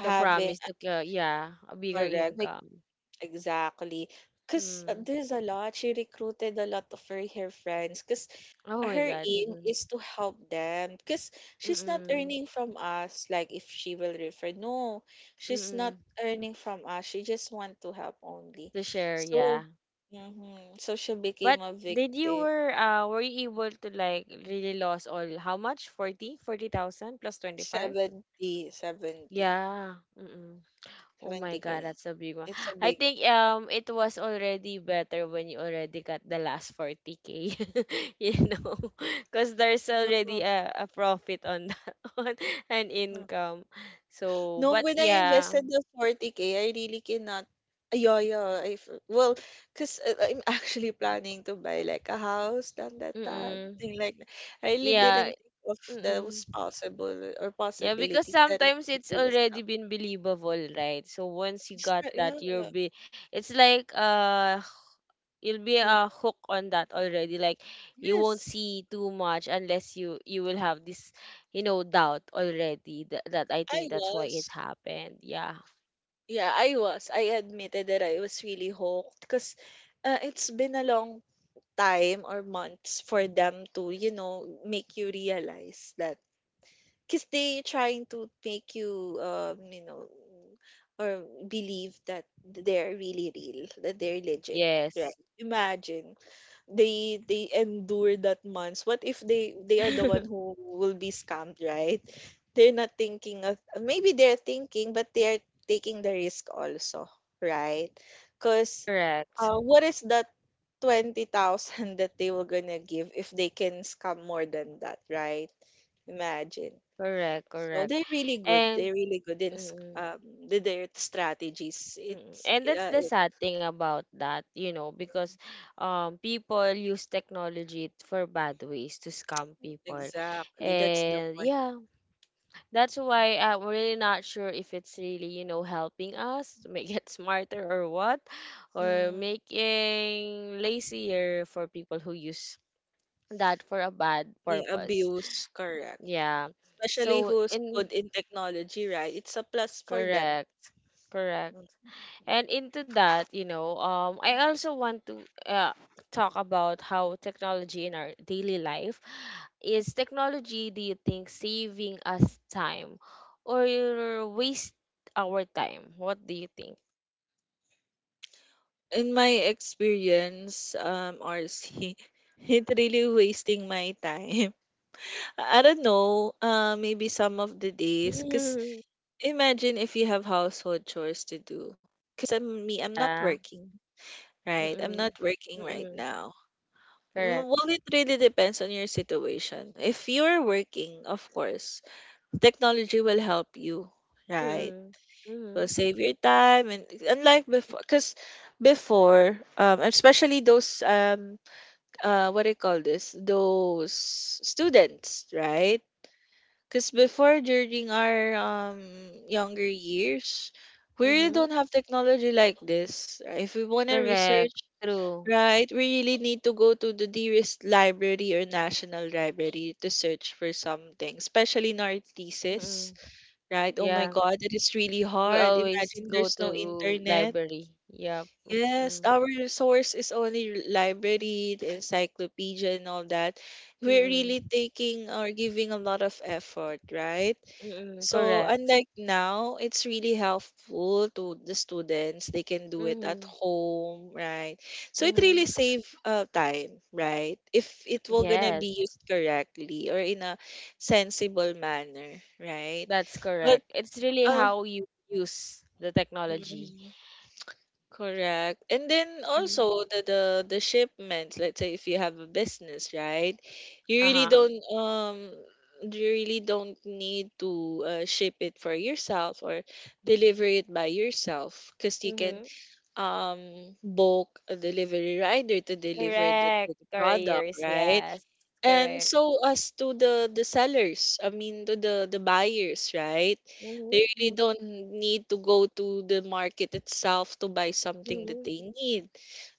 Speaker 1: The promise to, yeah, a bigger
Speaker 2: Correct.
Speaker 1: income.
Speaker 2: Exactly. Because
Speaker 1: Mm.
Speaker 2: there's a lot, she recruited a lot of her friends. Because
Speaker 1: Oh my
Speaker 2: her
Speaker 1: God.
Speaker 2: aim
Speaker 1: Mm,
Speaker 2: is to help them. Because she's not
Speaker 1: mm,
Speaker 2: earning from us, like, if she will refer. No,
Speaker 1: mm,
Speaker 2: she's not
Speaker 1: mm.
Speaker 2: earning from us. She just want to help only.
Speaker 1: To share,
Speaker 2: So,
Speaker 1: yeah.
Speaker 2: mhm. so she became
Speaker 1: But
Speaker 2: a
Speaker 1: did you
Speaker 2: victim.
Speaker 1: were you able to like really lost all how much? 40? 40,000 plus 25?
Speaker 2: 70, 70, 70.
Speaker 1: Yeah. Mm-mm. Oh my God,
Speaker 2: k.
Speaker 1: that's a big one.
Speaker 2: It's a
Speaker 1: I
Speaker 2: big.
Speaker 1: think it was already better when you already got the last 40K, you know, because there's already a profit on that on an
Speaker 2: Yeah.
Speaker 1: income. So,
Speaker 2: No,
Speaker 1: but
Speaker 2: when I
Speaker 1: yeah,
Speaker 2: invested the 40k, I really cannot. Ah, yeah, yeah. Well, because I'm actually planning to buy like a house, done that,
Speaker 1: mm-mm.
Speaker 2: thing like that. I really
Speaker 1: Yeah,
Speaker 2: didn't think of
Speaker 1: mm-mm.
Speaker 2: those possible or
Speaker 1: Yeah, because
Speaker 2: possibilities that it
Speaker 1: sometimes
Speaker 2: could
Speaker 1: it's
Speaker 2: be a
Speaker 1: already
Speaker 2: scam.
Speaker 1: been believable, right? So once you
Speaker 2: It's
Speaker 1: got
Speaker 2: not- Yeah.
Speaker 1: that, you'll be it's like you'll be a
Speaker 2: Mm.
Speaker 1: hook on that already. Like you won't
Speaker 2: Yes,
Speaker 1: see too much unless you will have this, you know, doubt already. That, that I
Speaker 2: I
Speaker 1: think that's why
Speaker 2: was.
Speaker 1: it happened. Yeah.
Speaker 2: Yeah, I was. I admitted that I was really hooked because, it's been a long time or months for them to, you know, make you realize that, because they trying to make you, you know or believe that they're really real, that they're legit, right?
Speaker 1: Yes.
Speaker 2: Imagine, they endure that months, what if they are the one who will be scammed, right? They're not thinking of, maybe they're thinking, but they are taking the risk also, right? Because,
Speaker 1: Correct.
Speaker 2: what is that 20,000 that they were gonna give if they can scam more than that, right? Imagine.
Speaker 1: Correct.
Speaker 2: So
Speaker 1: Correct.
Speaker 2: they're really good.
Speaker 1: And
Speaker 2: They're really good in
Speaker 1: mm,
Speaker 2: their strategies.
Speaker 1: Mm,
Speaker 2: It's,
Speaker 1: And that's
Speaker 2: uh,
Speaker 1: the
Speaker 2: it-
Speaker 1: sad thing about that, you know, because people use technology for bad ways to scam people.
Speaker 2: exactly, that's the
Speaker 1: And
Speaker 2: point.
Speaker 1: yeah, that's why I'm really not sure if it's really, you know, helping us to make it smarter or what, or
Speaker 2: Mm,
Speaker 1: making lazier for people who use that for a bad
Speaker 2: yeah,
Speaker 1: purpose.
Speaker 2: abuse, correct.
Speaker 1: Yeah.
Speaker 2: Especially
Speaker 1: So,
Speaker 2: who's good
Speaker 1: in
Speaker 2: in technology, right? It's a plus for them.
Speaker 1: Correct, correct.
Speaker 2: Mm.
Speaker 1: And into that, I also want to talk about how technology in our daily life is technology, do you think, saving us time or waste our time? What do you think?
Speaker 2: In my experience, RC, it really wasting my time. I don't know, maybe some of the days, cause imagine if you have household chores to do. Cause I'm not
Speaker 1: yeah.
Speaker 2: working. Right. I'm
Speaker 1: Mm-mm.
Speaker 2: not working right
Speaker 1: Mm-mm.
Speaker 2: now.
Speaker 1: Correct.
Speaker 2: Well, it really depends on your situation. If you're working, of course, technology will help you, right?
Speaker 1: Mm-mm.
Speaker 2: Will
Speaker 1: Mm-hmm.
Speaker 2: save your time, and unlike before, because before, especially those what do you call this? Those students, right? Because before, during our younger years, we really
Speaker 1: Mm-hmm.
Speaker 2: don't have technology like this. If we want to research,
Speaker 1: Correct. True.
Speaker 2: right, we really need to go to the dearest library or national library to search for something, especially in our thesis,
Speaker 1: Mm-mm.
Speaker 2: right? Oh my
Speaker 1: Yeah.
Speaker 2: God, it is really
Speaker 1: We
Speaker 2: hard.
Speaker 1: always
Speaker 2: Imagine
Speaker 1: go
Speaker 2: there's no
Speaker 1: to
Speaker 2: internet.
Speaker 1: library. Yeah. Mm-mm.
Speaker 2: Yes, our source is only library, the encyclopedia, and all that. We're
Speaker 1: Mm-mm.
Speaker 2: really taking or giving a lot of effort, right?
Speaker 1: Mm-mm,
Speaker 2: So
Speaker 1: correct.
Speaker 2: unlike now, it's really helpful to the students. They can do it at
Speaker 1: Mm-hmm.
Speaker 2: home, right? So it
Speaker 1: Mm-hmm.
Speaker 2: really save time, right? If it will gonna
Speaker 1: Yes,
Speaker 2: be used correctly or in a sensible manner, right?
Speaker 1: that's
Speaker 2: But
Speaker 1: correct. It's really
Speaker 2: uh,
Speaker 1: how you use the technology.
Speaker 2: mm-hmm. Correct. And then
Speaker 1: Mm.
Speaker 2: also the shipments, let's say if you have a business, right? You really
Speaker 1: Uh-huh.
Speaker 2: don't um you really don't need to ship it for yourself or deliver it by yourself, because you can
Speaker 1: Mm-hmm.
Speaker 2: book a delivery rider to deliver the,
Speaker 1: Correct.
Speaker 2: the product,
Speaker 1: Careers,
Speaker 2: right?
Speaker 1: yes.
Speaker 2: And
Speaker 1: Correct.
Speaker 2: so as to the sellers, I mean to the buyers, right? They really
Speaker 1: Mm-hmm.
Speaker 2: don't need to go to the market itself to buy something that they
Speaker 1: Mm-hmm.
Speaker 2: need.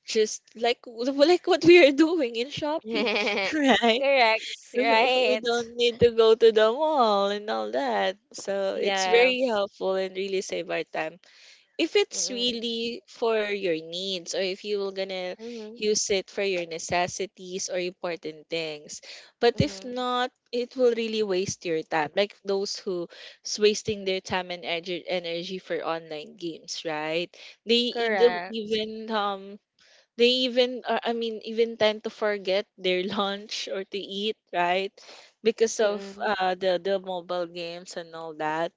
Speaker 2: Just like like what we are doing in Shopee, right?
Speaker 1: Correct,
Speaker 2: We
Speaker 1: right?
Speaker 2: don't need to go to the mall and all that. So it's very
Speaker 1: Yes.
Speaker 2: helpful and really save our time if it's
Speaker 1: Mm-mm.
Speaker 2: really for your needs, or if you were gonna
Speaker 1: Mm-hmm.
Speaker 2: use it for your necessities or important things. But if
Speaker 1: Mm-hmm.
Speaker 2: not, it will really waste your time, like those who's wasting their time and energy for online games, right? They e- don't
Speaker 1: Correct.
Speaker 2: even they even I mean, even tend to forget their lunch or to eat, right? Because of
Speaker 1: Mm-mm.
Speaker 2: the mobile games and all that.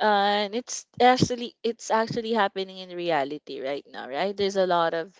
Speaker 2: And it's actually happening in reality right now, right? There's a lot of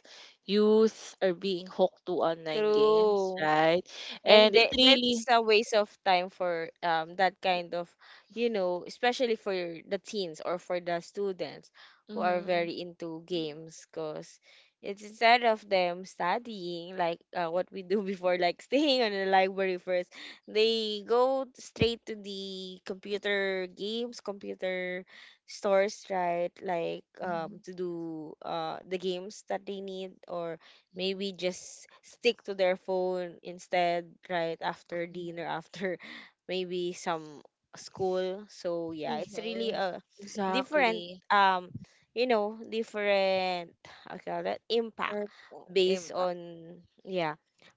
Speaker 2: youth are being hooked to online games,
Speaker 1: True.
Speaker 2: right?
Speaker 1: And
Speaker 2: And it
Speaker 1: that
Speaker 2: really,
Speaker 1: that's a waste of time for that kind of, you know, especially for the teens or for the students who are
Speaker 2: mm-hmm,
Speaker 1: very into games because it's instead of them studying like, what we do before like staying on the library first, they go straight to the computer games computer stores, right? Like to do the games that they need or
Speaker 2: mm-hmm,
Speaker 1: maybe just stick to their phone instead right after dinner after maybe some school. So yeah, it's really a different
Speaker 2: exactly.
Speaker 1: um you know different okay that impact
Speaker 2: Purple
Speaker 1: based
Speaker 2: impact.
Speaker 1: on, yeah,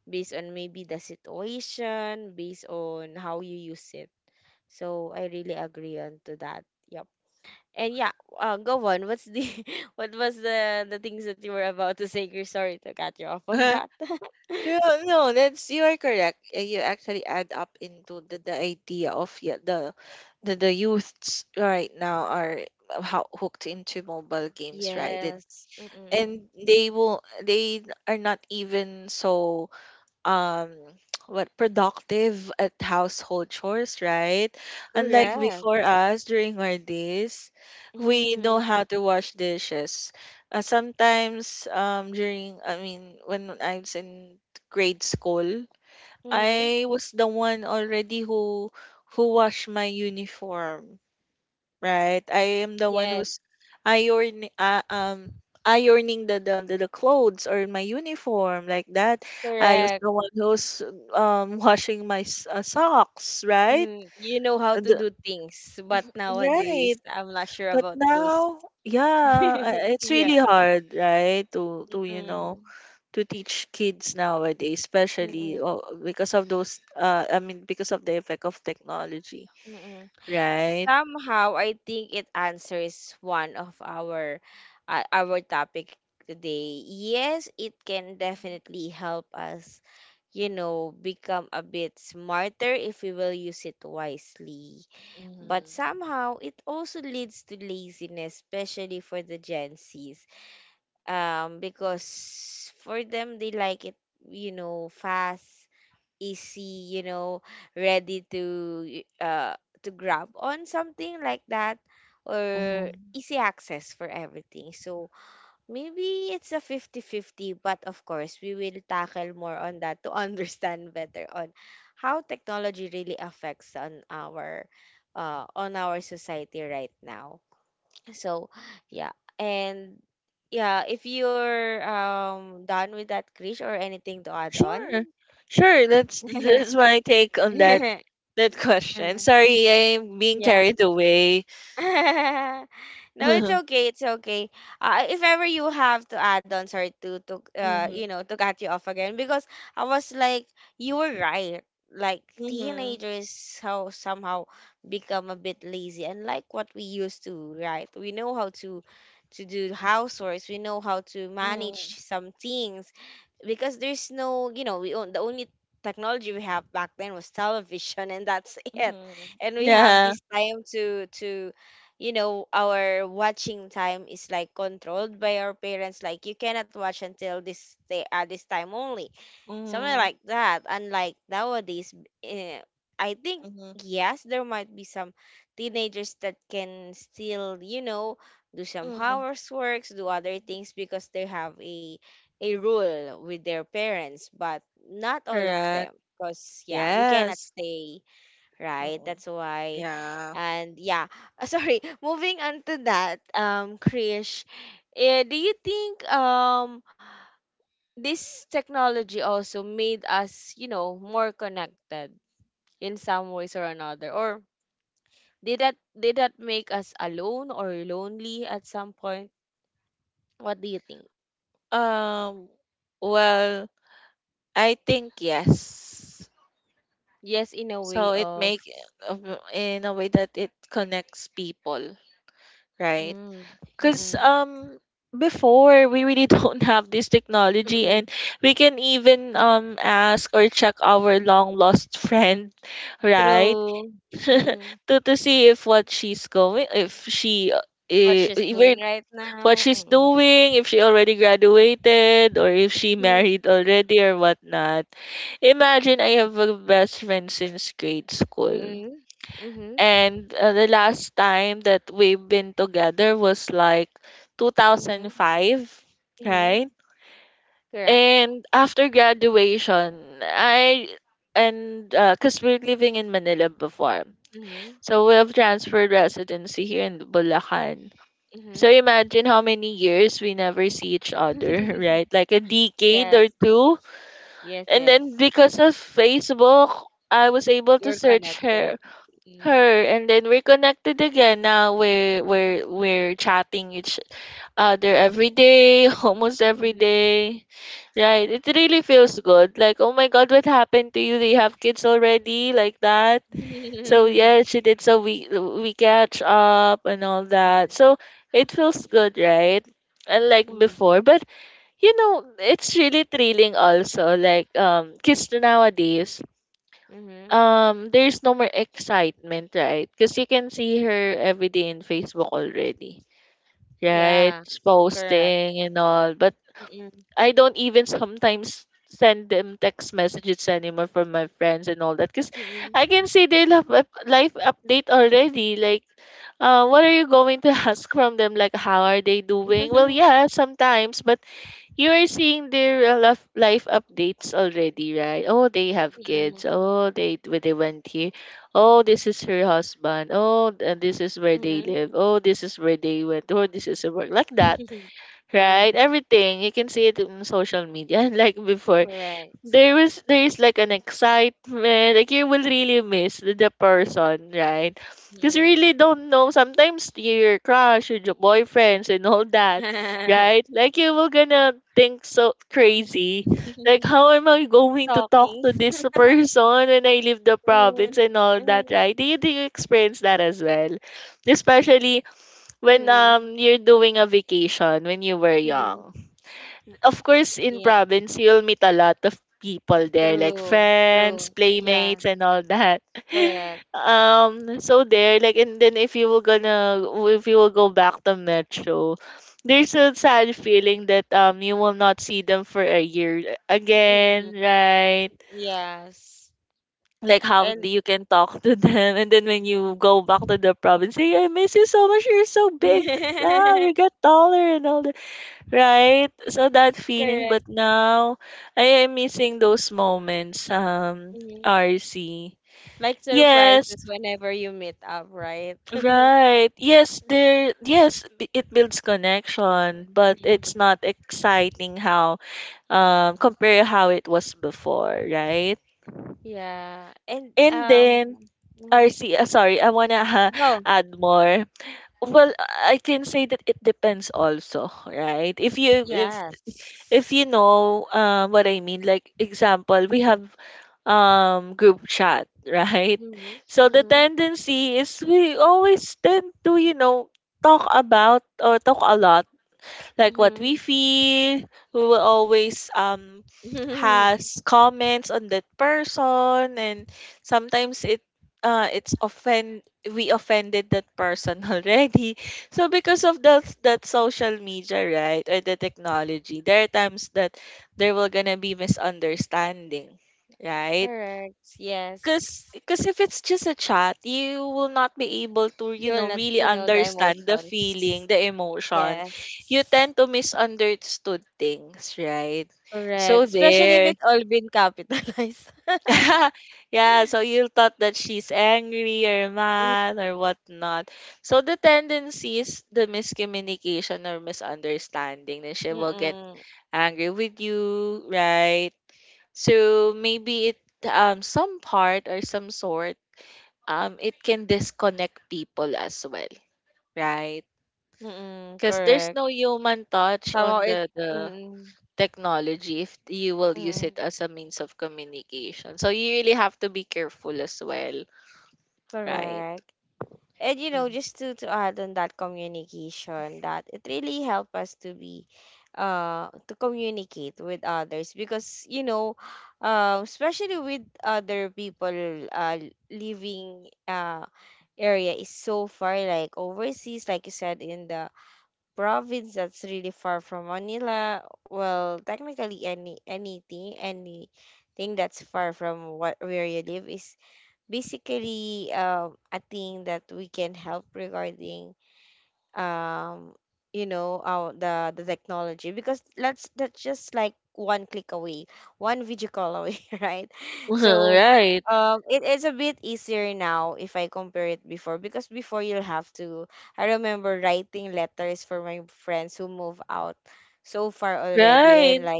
Speaker 1: based on maybe the situation, based on how you use it. So I really agree on to that. Yep. And yeah, go on. What's the what was the things that you were about to say, Chris? Sorry to cut you off on that.
Speaker 2: You know, no, that's, you are correct. You actually add up into the idea of, yeah, the the youths right now are, how hooked into mobile games, right?
Speaker 1: Yes. Mm-mm.
Speaker 2: And they are not even so um what productive at household chores, right? Unlike
Speaker 1: Correct.
Speaker 2: before us, during our days we know
Speaker 1: Mm-hmm.
Speaker 2: how to wash dishes. Sometimes during I mean When I was in grade school,
Speaker 1: Mm-hmm.
Speaker 2: I was the one already who washed my uniform, right? I am the one
Speaker 1: Yes.
Speaker 2: who's ironing, ironing the clothes or my uniform like that. I was
Speaker 1: Correct.
Speaker 2: the one who's washing my socks, right?
Speaker 1: Hmm. You know how
Speaker 2: And
Speaker 1: to
Speaker 2: the-
Speaker 1: do things, but nowadays
Speaker 2: Right.
Speaker 1: I'm not sure
Speaker 2: But
Speaker 1: about those.
Speaker 2: now, yeah, it's
Speaker 1: yeah.
Speaker 2: really hard, right? To you know, to teach kids nowadays,
Speaker 1: Mm-mm.
Speaker 2: especially oh, because of those. I mean, because of the effect of technology,
Speaker 1: Mm-mm.
Speaker 2: right?
Speaker 1: Somehow, I think it answers one of our topic today. Yes, it can definitely help us, you know, become a bit smarter if we will use it wisely. But somehow, it also leads to laziness, especially for the Gen Zs, because for them they like it, you know, fast, easy, you know, ready to y- uh to grab on something like that, or
Speaker 2: Mm-hmm.
Speaker 1: easy access for everything. So maybe it's a fifty-fifty. But of course we will tackle more on that to understand better on how technology really affects on our society right now. So yeah, and yeah, if you're done with that, Krish, or anything to add on.
Speaker 2: Sure. Sure. That's my take on that
Speaker 1: Uh,
Speaker 2: question. Sorry, I'm being
Speaker 1: yeah,
Speaker 2: carried away.
Speaker 1: no, it's
Speaker 2: Mhm.
Speaker 1: okay. It's okay. If ever you have to add on, sorry to to uh you
Speaker 2: Mhm.
Speaker 1: know to cut you off again because I was like you were right. Like
Speaker 2: Mhm.
Speaker 1: teenagers how somehow become a bit lazy and like what we used to, right? We know how to do houseworks. We know how to manage
Speaker 2: Mhm.
Speaker 1: some things because there's no, you know, we own the only technology we have back then was television and that's it.
Speaker 2: Mhm.
Speaker 1: And we have
Speaker 2: Yeah.
Speaker 1: this time to, you know, our watching time is like controlled by our parents, like you cannot watch until this day at this time only, something like
Speaker 2: Mhm.
Speaker 1: that, unlike nowadays. eh, I think
Speaker 2: Mhm.
Speaker 1: yes, there might be some teenagers that can still, you know, do some
Speaker 2: Mhm.
Speaker 1: houseworks, do other things because they have a rule with their parents, but not all of them
Speaker 2: Correct.
Speaker 1: because yeah, we cannot
Speaker 2: Yes.
Speaker 1: say, right?
Speaker 2: Mhm.
Speaker 1: That's why.
Speaker 2: Yeah.
Speaker 1: And yeah, sorry. Moving on to that, Krish, do you think this technology also made us, you know, more connected in some ways or another, or did that make us alone or lonely at some point? What do you think?
Speaker 2: Um. Well, I think yes.
Speaker 1: Yes, in a way
Speaker 2: So it
Speaker 1: of
Speaker 2: make in a way that it connects people, right?
Speaker 1: mm,
Speaker 2: Because
Speaker 1: mm-mm,
Speaker 2: before, we really don't have this technology,
Speaker 1: mm-mm,
Speaker 2: and we can even ask or check our long lost friend, right?
Speaker 1: through mm-mm,
Speaker 2: To see if what she's going, if she
Speaker 1: what she's doing
Speaker 2: even
Speaker 1: right
Speaker 2: what she's
Speaker 1: now.
Speaker 2: doing, if she already graduated, or if she
Speaker 1: Mm-mm.
Speaker 2: married already or whatnot. Imagine I have a best friend since grade school.
Speaker 1: Mm. Mhm.
Speaker 2: And the last time that we've been together was like
Speaker 1: Mhm.
Speaker 2: 2005, right?
Speaker 1: Mhm. Correct.
Speaker 2: And after graduation, I and because we're living in Manila before,
Speaker 1: Mhm.
Speaker 2: so we have transferred residency here in Bulacan. So
Speaker 1: Mhm.
Speaker 2: imagine how many years we never see each other, right? Like a decade or
Speaker 1: Yes.
Speaker 2: two.
Speaker 1: Yes,
Speaker 2: And then
Speaker 1: yes.
Speaker 2: because of Facebook, I was able to
Speaker 1: You're
Speaker 2: search
Speaker 1: connected. Mhm.
Speaker 2: her, and then we're connected again. Now we're chatting each other every day almost every
Speaker 1: Mhm.
Speaker 2: day, right? It really feels good, like, oh my God, what happened to you, do you have kids already, like that? So yeah, she did, so we catch up and all that.
Speaker 1: Mhm.
Speaker 2: So it feels good, right? Unlike
Speaker 1: Mhm.
Speaker 2: before. But you know, it's really thrilling also, like kids nowadays,
Speaker 1: Mhm.
Speaker 2: there's no more excitement, right? Because you can see her every day in Facebook already, right?
Speaker 1: Yeah.
Speaker 2: She's
Speaker 1: Correct.
Speaker 2: posting and all. But
Speaker 1: Mhm.
Speaker 2: I don't even sometimes send them text messages anymore from my friends and all that, because I
Speaker 1: Mhm.
Speaker 2: can see their life, life update already. Like, what are you going to ask from them? Like, how are they doing? Well, yeah, sometimes, but you are seeing their life updates already, right? Oh, they have kids.
Speaker 1: Mhm.
Speaker 2: Oh, they, where they went here. Oh, this is her husband. Oh, and this is where they
Speaker 1: Mhm.
Speaker 2: live. Oh, this is where they went. Oh, this is a work like that,
Speaker 1: Mhm.
Speaker 2: right? Everything, you can see it on social media, like before
Speaker 1: Correct.
Speaker 2: there was there is like an excitement, like you will really miss the person, right? Because you
Speaker 1: Mhm.
Speaker 2: really don't know, sometimes your crush or your boyfriends and all that, right? Like you will gonna think so crazy, like how am I going to talk
Speaker 1: Stalking.
Speaker 2: to this person when I leave the
Speaker 1: Mhm.
Speaker 2: province and all that,
Speaker 1: Mhm.
Speaker 2: right? Do you, do you experience that as well, especially when
Speaker 1: Mhm.
Speaker 2: you're doing a vacation when you were
Speaker 1: Mm,
Speaker 2: young? Of course, in
Speaker 1: yeah,
Speaker 2: province, you'll meet a lot of people there, like
Speaker 1: true,
Speaker 2: friends,
Speaker 1: true.
Speaker 2: playmates,
Speaker 1: Yeah,
Speaker 2: and all that.
Speaker 1: correct.
Speaker 2: So there, like, and then if you were gonna, if you will go back to Metro, there's a sad feeling that you will not see them for a year again,
Speaker 1: Mm-mm.
Speaker 2: right?
Speaker 1: Yes.
Speaker 2: Like how do
Speaker 1: And
Speaker 2: you can talk to them, and then when you
Speaker 1: mm-mm.
Speaker 2: go back to the province, hey, I miss you so much. You're so big now. You get taller and all that. Right? So that feeling, but
Speaker 1: Correct.
Speaker 2: now I am missing those moments,
Speaker 1: Mm-hmm.
Speaker 2: RC.
Speaker 1: Like
Speaker 2: Yes,
Speaker 1: surprises whenever you meet up, right?
Speaker 2: right. Yes, it builds connection, but
Speaker 1: Mhm.
Speaker 2: it's not exciting how compare how it was before, right?
Speaker 1: Yeah. And
Speaker 2: And then
Speaker 1: mhm.
Speaker 2: RC, sorry, I wanna
Speaker 1: Go.
Speaker 2: add more. Well, I can say that it depends also, right? If
Speaker 1: Yes.
Speaker 2: you know what I mean, like example, we have group chat, right? So
Speaker 1: Mm-hmm.
Speaker 2: the
Speaker 1: Mm-hmm.
Speaker 2: tendency is we always tend to, you know, talk about or talk a lot like what we
Speaker 1: Mm-hmm.
Speaker 2: feel. We will always has comments on that person, and sometimes it it's offend we offended that person already. So because of that social media, right, or the technology, there are times that there will gonna be misunderstanding, right?
Speaker 1: Correct.
Speaker 2: Because
Speaker 1: Yes.
Speaker 2: because if it's just a chat, you will not be able to, you
Speaker 1: You
Speaker 2: know,
Speaker 1: will not
Speaker 2: really
Speaker 1: to know the
Speaker 2: understand the feeling,
Speaker 1: emotions.
Speaker 2: the emotion.
Speaker 1: Yes.
Speaker 2: You tend to misunderstood things, right?
Speaker 1: Correct.
Speaker 2: So
Speaker 1: Especially if
Speaker 2: there.
Speaker 1: it's all been capitalized.
Speaker 2: Yeah, so you thought that she's angry or
Speaker 1: Mm.
Speaker 2: mad or whatnot. So the tendency is the miscommunication or misunderstanding that she will get
Speaker 1: Mm-mm.
Speaker 2: angry with you, right? So maybe it some part or some sort it can disconnect people as well, right?
Speaker 1: Mm-mm.
Speaker 2: Because there's
Speaker 1: Correct.
Speaker 2: no human touch
Speaker 1: Somehow
Speaker 2: on
Speaker 1: it.
Speaker 2: the
Speaker 1: Mm-mm.
Speaker 2: technology if you will use
Speaker 1: Mm-mm.
Speaker 2: it as a means of communication. So you really have to be careful as well, right?
Speaker 1: Correct. And you know,
Speaker 2: Mhm.
Speaker 1: just to add on that communication, that it really helped us to be, to communicate with others because you know, especially with other people, living, area is so far, like overseas, like you said in the province that's really far from Manila. Well, technically any anything that's far from what where you live is basically a thing that we can help regarding um, you know, our the technology because let's that's just like one click away, one video call away, right? So
Speaker 2: Right,
Speaker 1: it is a bit easier now if I compare it before because before you'll have to I remember writing letters for my friends who move out so far already and
Speaker 2: right.
Speaker 1: like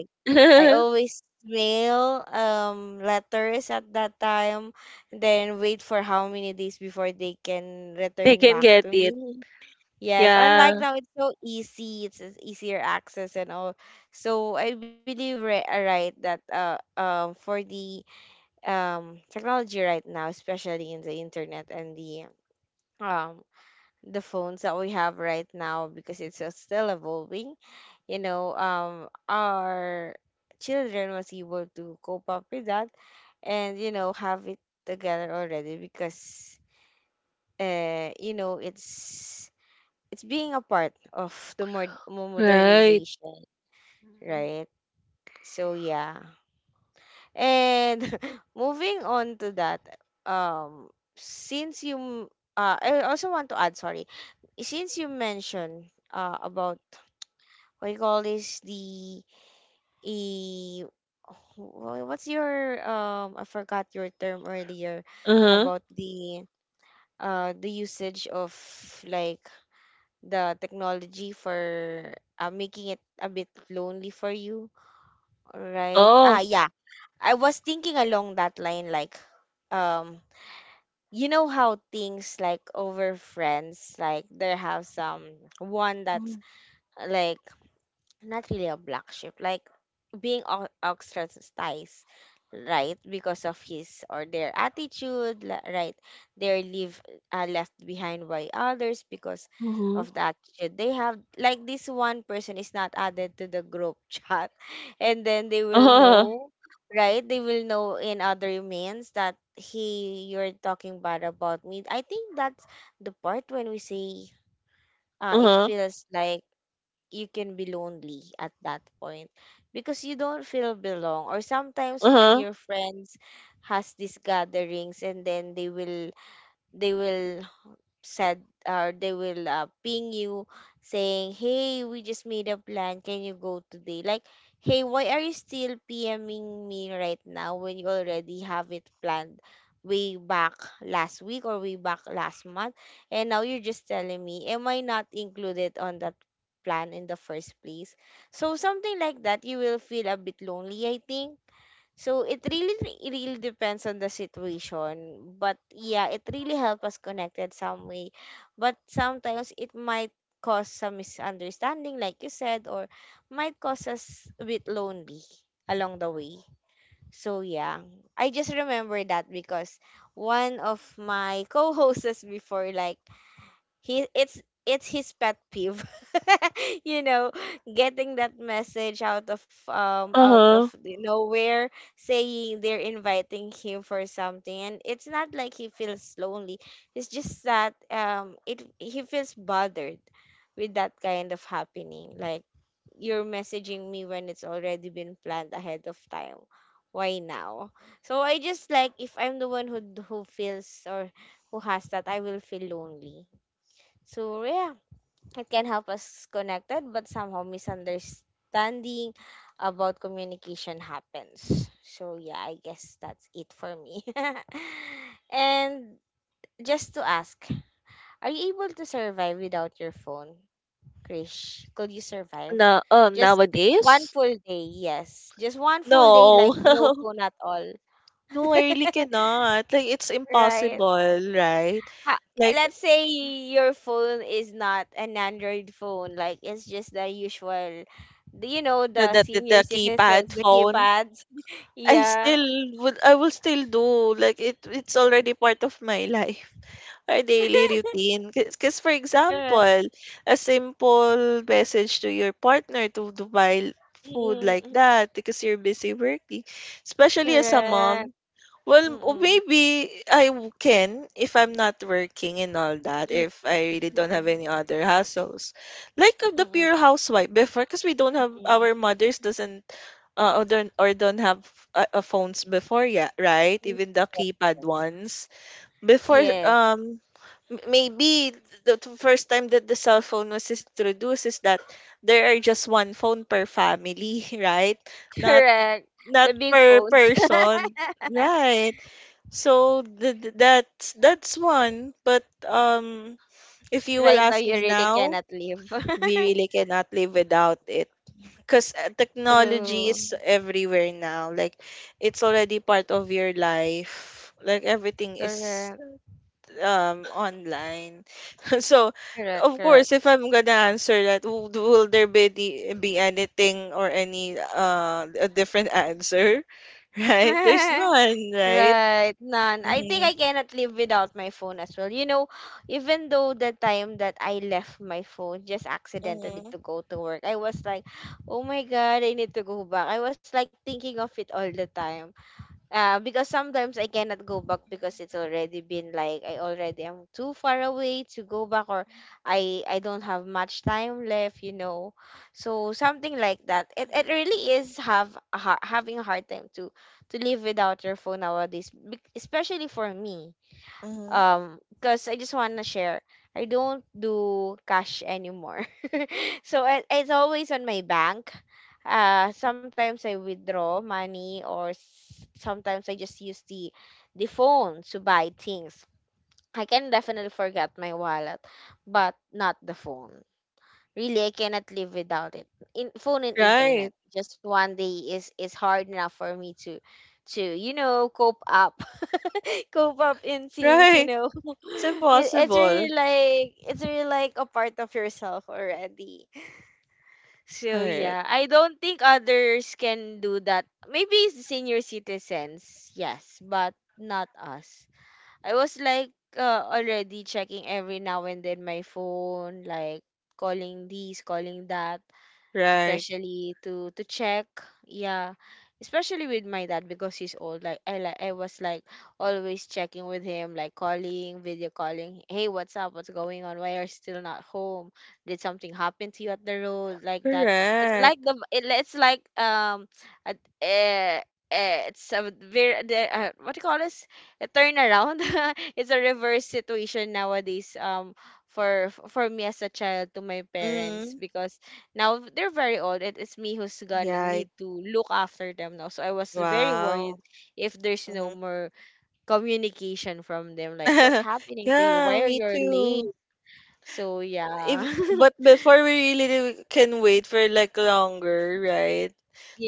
Speaker 1: I always mail letters at that time, then wait for how many days before they can
Speaker 2: They
Speaker 1: return
Speaker 2: can
Speaker 1: back
Speaker 2: get
Speaker 1: to
Speaker 2: it.
Speaker 1: me. Yes, unlike
Speaker 2: Yeah,
Speaker 1: now, it's so easy. It's just easier access and all. So I believe ri- right that for the technology right now, especially in the internet and um the phones that we have right now, because it's still evolving. You know, our children was able to cope up with that, and you know have it together already because uh you know it's it's being a part of the more
Speaker 2: right.
Speaker 1: modernization,
Speaker 2: uh
Speaker 1: right? So yeah. And moving on to that, um, since you m- I also want to add, sorry, since you mentioned about what you call this e what's your I forgot your term earlier
Speaker 2: Uh-huh.
Speaker 1: about the usage of like the technology for making it a bit lonely for you, right?
Speaker 2: Oh.
Speaker 1: Yeah I was thinking along that line, like, um you know, how things like over friends, like there have some one that's, like, not really a black sheep, like being ostracized, right? Because of his or their attitude, right? They're leave, left behind by others because
Speaker 2: Mm-hmm.
Speaker 1: of the attitude they have. Like this one person is not added to the group chat, and then they will
Speaker 2: Uh-huh.
Speaker 1: know, right? They will know in other means that he you're talking bad about me. I think that's the part when we say, it
Speaker 2: Uh-huh.
Speaker 1: feels like you can be lonely at that point because you don't feel belong. Or sometimes when
Speaker 2: Uh-huh.
Speaker 1: your friends has these gatherings and then they will said, or they will ping you saying, hey, we just made a plan, can you go today? Like, hey, why are you still pming me right now when you already have it planned way back last week or way back last month, and now you're just telling me? Am I not included on that plan in the first place? So something like that, you will feel a bit lonely, I think. So it really depends on the situation, but yeah, it really helps us connected some way. But sometimes it might cause some misunderstanding, like you said, or might cause us a bit lonely along the way. So yeah, I just remember that because one of my co-hosts before, like, he it's his pet peeve. You know, getting that message out of
Speaker 2: Uh-huh.
Speaker 1: the nowhere, saying they're inviting him for something, and it's not like he feels lonely, it's just that it he feels bothered with that kind of happening. Like, you're messaging me when it's already been planned ahead of time? Why now? So I just, like, if I'm the one who feels, or who has that, I will feel lonely. So yeah, it can help us connected, but somehow misunderstanding about communication happens. So yeah, I guess that's it for me. And just to ask, are you able to survive without your phone, Krish? Could you survive?
Speaker 2: No,
Speaker 1: Just one
Speaker 2: nowadays?
Speaker 1: full day, yes. Just one full day,
Speaker 2: No.
Speaker 1: like no phone at all.
Speaker 2: No, I really cannot. Like, it's
Speaker 1: Right?
Speaker 2: impossible, right?
Speaker 1: ha-
Speaker 2: Like,
Speaker 1: Let's say your phone is not an Android phone, like it's just the usual, you know,
Speaker 2: the
Speaker 1: the
Speaker 2: the the, the
Speaker 1: senior
Speaker 2: keypad
Speaker 1: citizens, the
Speaker 2: phone.
Speaker 1: keypads.
Speaker 2: I
Speaker 1: Yeah,
Speaker 2: still would. I will still do. Like, it, it's already part of my life, our daily routine. Because, for
Speaker 1: correct.
Speaker 2: example, a simple message to your partner to buy food
Speaker 1: Mm-mm,
Speaker 2: like
Speaker 1: mm,
Speaker 2: that because you're busy working, especially as a mom.
Speaker 1: correct.
Speaker 2: Well, oh,
Speaker 1: Mm-mm,
Speaker 2: maybe I can if I'm not working and all that,
Speaker 1: mm-mm,
Speaker 2: if I really don't have any other hassles. Like the
Speaker 1: mm-mm,
Speaker 2: pure housewife before, because we don't have,
Speaker 1: mm-mm.
Speaker 2: our mothers doesn't, or don't have phones before yet, right?
Speaker 1: Mm.
Speaker 2: Even the keypad
Speaker 1: Yes,
Speaker 2: ones. Before,
Speaker 1: yes.
Speaker 2: maybe the first time that the cell phone was introduced is that there are just one phone per family, right? Not,
Speaker 1: Correct.
Speaker 2: not
Speaker 1: The big
Speaker 2: per
Speaker 1: phones.
Speaker 2: person. Right. So that's one, but if you will
Speaker 1: Right now,
Speaker 2: ask
Speaker 1: you
Speaker 2: me
Speaker 1: really
Speaker 2: now,
Speaker 1: cannot live.
Speaker 2: we really cannot live without it because technology
Speaker 1: True.
Speaker 2: is everywhere now. Like it's already part of your life. Like everything is
Speaker 1: Correct.
Speaker 2: online. so
Speaker 1: Correct.
Speaker 2: of course,
Speaker 1: Correct.
Speaker 2: if I'm gonna answer that, will there be be anything or any a different answer? Right? There's none, right?
Speaker 1: Right, none. I think
Speaker 2: Mm-hmm.
Speaker 1: I cannot live without my phone as well. You know, even though the time that I left my phone just accidentally
Speaker 2: Mm-hmm.
Speaker 1: to go to work, I was like, oh my God, I need to go back. I was like thinking of it all the time. Because sometimes I cannot go back because it's already been like I already am too far away to go back, or I don't have much time left, you know. So something like that. It really is have a having a hard time to live without your phone nowadays, especially for me.
Speaker 2: Mm-hmm.
Speaker 1: Because I just want to share, I don't do cash anymore. So it, it's always on my bank. Sometimes I withdraw money, or sometimes I just use the phone to buy things. I can definitely forget my wallet, but not the phone. Really, I cannot live without it. In phone and
Speaker 2: Right,
Speaker 1: internet, just one day is hard enough for me to you know cope up. Cope up in things, you
Speaker 2: right.
Speaker 1: know.
Speaker 2: It's
Speaker 1: It,
Speaker 2: impossible.
Speaker 1: it's really like a part of yourself already. So
Speaker 2: Right,
Speaker 1: yeah, I don't think others can do that. Maybe senior citizens, yes, but not us. I was like, already checking every now and then my phone, like calling these, calling that,
Speaker 2: right.
Speaker 1: especially to check. Yeah, especially with my dad because he's old. Like, I like I was like always checking with him, like calling, video calling, hey, what's up, what's going on, why are you still not home, did something happen to you at the road, like that. It's like
Speaker 2: Correct.
Speaker 1: the it, it's like uh, uh, it's a very the, what do you call this, a turnaround. It's a reverse situation nowadays, for me as a child to my parents,
Speaker 2: Mm,
Speaker 1: because now they're very old. It is me who's gonna
Speaker 2: right.
Speaker 1: need to look after them now. So I was very worried
Speaker 2: Wow.
Speaker 1: if there's no
Speaker 2: Hmm.
Speaker 1: more communication from them. Like, what's happening to you?
Speaker 2: Yeah,
Speaker 1: Why are
Speaker 2: me
Speaker 1: you late?
Speaker 2: too.
Speaker 1: So yeah.
Speaker 2: If but before we really can wait for like longer, right?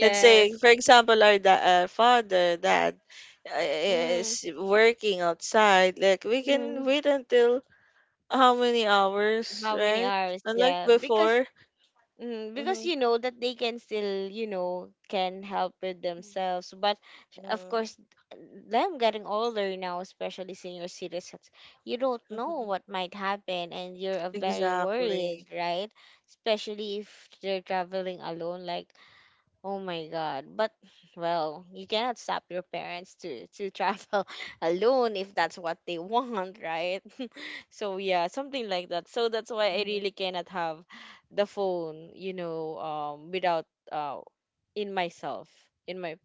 Speaker 2: Let's say, for example, our father, dad
Speaker 1: Mm,
Speaker 2: is working outside. Like we can
Speaker 1: mm.
Speaker 2: wait until how many hours,
Speaker 1: How many
Speaker 2: right?
Speaker 1: hours?
Speaker 2: Unlike
Speaker 1: Yeah. Because
Speaker 2: before.
Speaker 1: mm, because
Speaker 2: Mm-hmm.
Speaker 1: you know that they can still, you know, can help with themselves. But of
Speaker 2: Mm-hmm.
Speaker 1: course, them getting older now, especially senior citizens, you don't know
Speaker 2: Mm-hmm.
Speaker 1: what might happen, and you're very worried,
Speaker 2: Exactly.
Speaker 1: right? Especially if they're traveling alone, like, oh my God. But well, you cannot stop your parents to travel alone if that's what they want, right? So yeah, something like that. So that's why I really
Speaker 2: Mhm.
Speaker 1: cannot have the phone, you know, without in myself, in my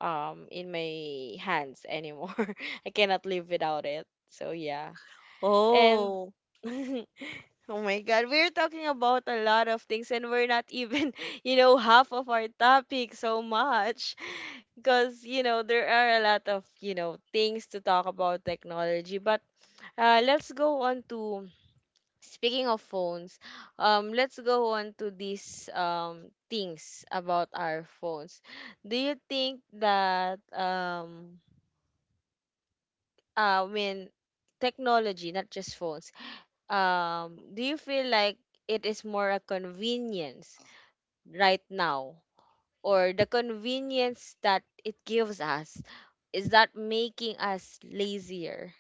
Speaker 1: in my hands anymore. I cannot live without it. So yeah, and
Speaker 2: Oh,
Speaker 1: oh my God, we're talking about a lot of things, and we're not even, you know, half of our topic so much, because you know there are a lot of you know things to talk about technology, but let's go on to speaking of phones, let's go on to these things about our phones. Do you think that I mean technology, not just phones, do you feel like it is more a convenience right now, or the convenience that it gives us is that making us lazier?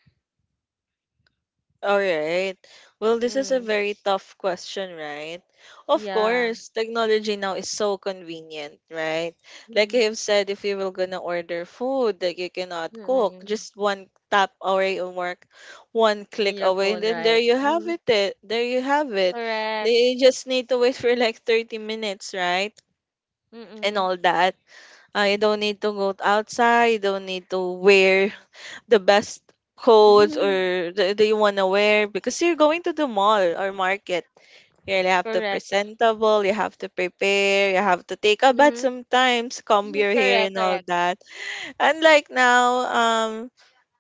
Speaker 2: all right. Well, this is a
Speaker 1: Mm,
Speaker 2: very tough question, right? Of
Speaker 1: yeah.
Speaker 2: course, technology now is so convenient, right? Like I
Speaker 1: Mm-hmm.
Speaker 2: have said, if you were gonna order food that you cannot cook, just one tap away or work, one
Speaker 1: And
Speaker 2: click
Speaker 1: your
Speaker 2: away, and
Speaker 1: phone,
Speaker 2: then there
Speaker 1: right?
Speaker 2: you have it. There you have it.
Speaker 1: Correct.
Speaker 2: They just need to wait for like 30 minutes, right? And
Speaker 1: Mm-mm.
Speaker 2: all that. You don't need to go outside. You don't need to wear the best codes or that you want to wear because you're going to the mall or market. You really have to
Speaker 1: Correct.
Speaker 2: presentable, you have to prepare, you have to take a bath
Speaker 1: Mm-hmm.
Speaker 2: sometimes, comb
Speaker 1: Mm-hmm.
Speaker 2: your hair and
Speaker 1: Correct,
Speaker 2: all
Speaker 1: correct.
Speaker 2: that. And like now, um,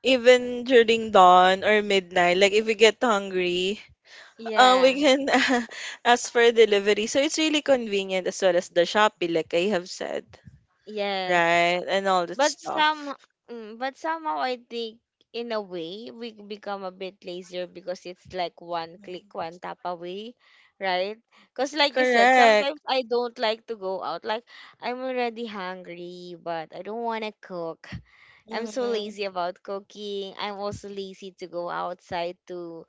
Speaker 2: even during dawn or midnight, like if we get hungry, we
Speaker 1: Yeah.
Speaker 2: can ask for delivery. So it's really convenient as well as the Shopee, like I have said,
Speaker 1: Yes.
Speaker 2: right? And all that
Speaker 1: But some
Speaker 2: stuff.
Speaker 1: mm, but somehow I think in a way we become a bit lazier because it's like one click,
Speaker 2: Mm.
Speaker 1: one tap away, right? Because like you said,
Speaker 2: Correct.
Speaker 1: sometimes I don't like to go out. Like, I'm already hungry, but I don't want to cook. I'm so
Speaker 2: Mm-hmm.
Speaker 1: lazy about cooking. I'm also lazy to go outside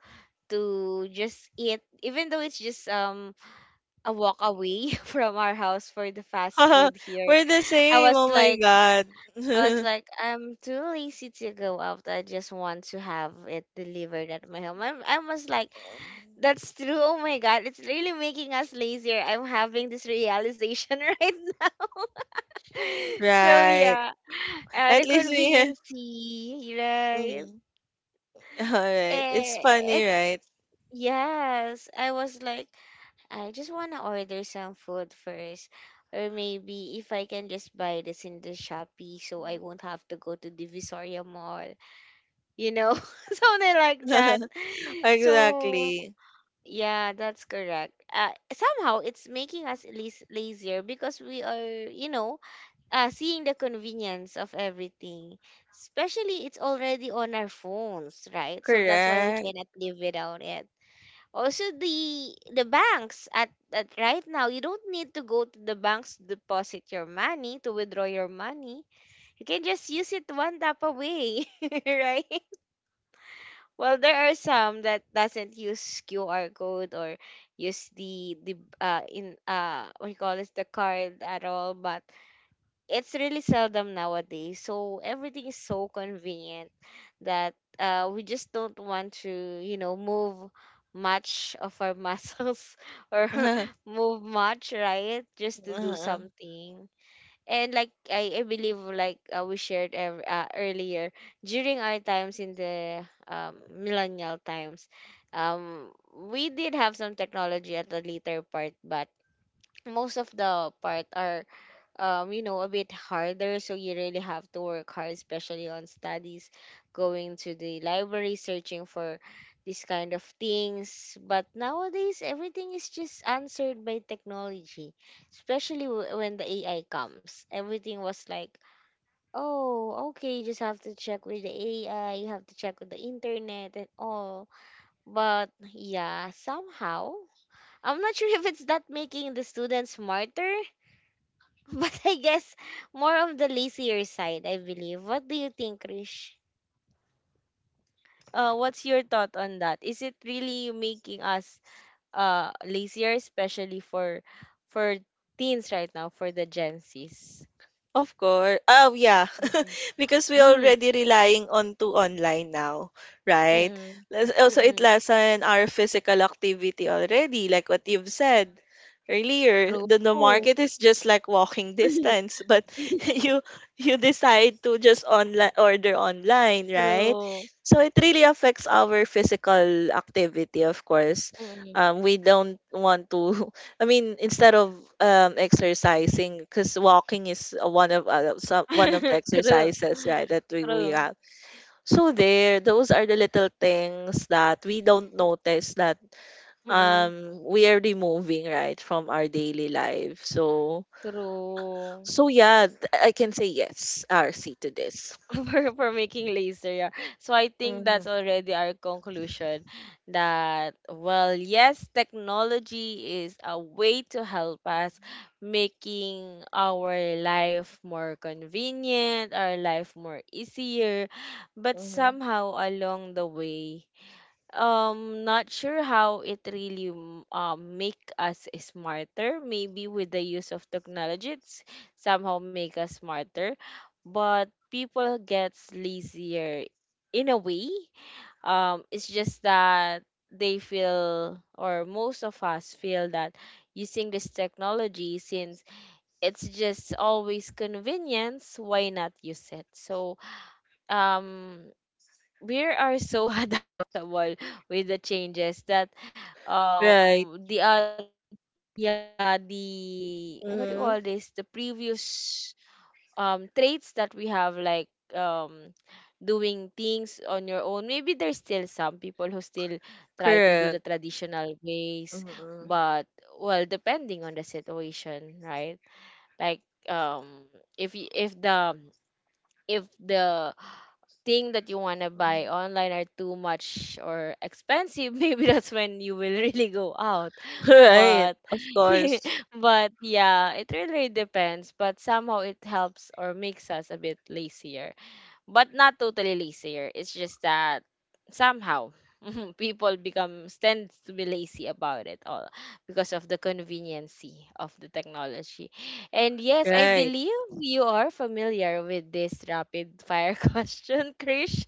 Speaker 1: to just eat, even though it's just a walk away from our house for the fast food here.
Speaker 2: We're the
Speaker 1: I
Speaker 2: same.
Speaker 1: was
Speaker 2: Oh my
Speaker 1: like,
Speaker 2: god.
Speaker 1: I was like, I'm too lazy to go out, I just want to have it delivered at my home. I'm, I was like, that's true, oh my God, it's really making us lazier, I'm having this realization right now. So
Speaker 2: right.
Speaker 1: yeah, the
Speaker 2: At least we.
Speaker 1: convenience fee, right?
Speaker 2: Mm-hmm. right. It's
Speaker 1: Eh,
Speaker 2: funny,
Speaker 1: it's
Speaker 2: right?
Speaker 1: yes. I was like, I just want to order some food first. Or maybe if I can just buy this in the Shopee so I won't have to go to Divisoria Mall. You know, something like that. So,
Speaker 2: exactly.
Speaker 1: yeah, that's correct. Somehow it's making us least lazier because we are, you know, seeing the convenience of everything. Especially it's already on our phones, right? So that's why we
Speaker 2: Correct.
Speaker 1: cannot live without it. Also the banks at right now, you don't need to go to the banks to deposit your money, to withdraw your money. You can just use it one tap away. Right? Well, there are some that doesn't use QR code or use the in what you call this, the card at all, but it's really seldom nowadays. So everything is so convenient that we just don't want to, you know, move much of our muscles or move much, right? Just to do
Speaker 2: Uh-huh.
Speaker 1: something. And like I believe, like we shared earlier, during our times in the millennial times, we did have some technology at the later part, but most of the part are you know, a bit harder. So you really have to work hard, especially on studies, going to the library, searching for this kind of things. But nowadays, everything is just answered by technology, especially when the AI comes. Everything was like, oh, okay, you just have to check with the AI, you have to check with the internet and all. But yeah, somehow, I'm not sure if it's that making the students smarter. But I guess more of the lazier side, I believe. What do you think, Krish? What's your thought on that? Is it really making us lazier, especially for teens right now, for the Gen Zs?
Speaker 2: Of course. Oh, yeah.
Speaker 1: Mhm.
Speaker 2: Because we
Speaker 1: Mm,
Speaker 2: already relying on to online now, right?
Speaker 1: Mm-mm.
Speaker 2: Let's- also, it
Speaker 1: Mm-mm.
Speaker 2: lessen our physical activity already, like what you've said earlier. The
Speaker 1: True.
Speaker 2: market is just like walking distance, but you decide to just online order online, right?
Speaker 1: True.
Speaker 2: So it really affects our physical activity, of course.
Speaker 1: Mm-mm.
Speaker 2: We don't want to. I mean, instead of exercising, because walking is one of one of the
Speaker 1: True.
Speaker 2: exercises, right, that we
Speaker 1: True.
Speaker 2: have. So there, those are the little things that we don't notice that
Speaker 1: Mm-mm.
Speaker 2: we are removing, right, from our daily life. So
Speaker 1: True.
Speaker 2: so yeah, I can say yes, RC to this.
Speaker 1: For making laser. Yeah. So I think
Speaker 2: Hmm.
Speaker 1: that's already our conclusion that, well, yes, technology is a way to help us, making our life more convenient, our life more easier, but
Speaker 2: Hmm.
Speaker 1: somehow along the way, not sure how it really make us smarter. Maybe with the use of technology, it's somehow make us smarter, but people gets lazier in a way. It's just that they feel, or most of us feel, that using this technology, since it's just always convenience, why not use it? So um we are so adaptable with the changes that
Speaker 2: Right.
Speaker 1: the yeah, the, what do you call this, the
Speaker 2: Hmm.
Speaker 1: previous traits that we have, like um doing things on your own. Maybe there's still some people who still try to do the
Speaker 2: Correct.
Speaker 1: traditional ways, but,
Speaker 2: Hmm.
Speaker 1: well, depending on the situation, right? Like um if the, if the thing that you want to buy online are too much or expensive, maybe that's when you will really go out. But
Speaker 2: Right. Of course.
Speaker 1: but yeah, it really depends, but somehow it helps or makes us a bit lazier, but not totally lazier. It's just that somehow people become tend to be lazy about it all because of the conveniency of the technology. And yes, I
Speaker 2: Right.
Speaker 1: believe you are familiar with this rapid fire question, Krish.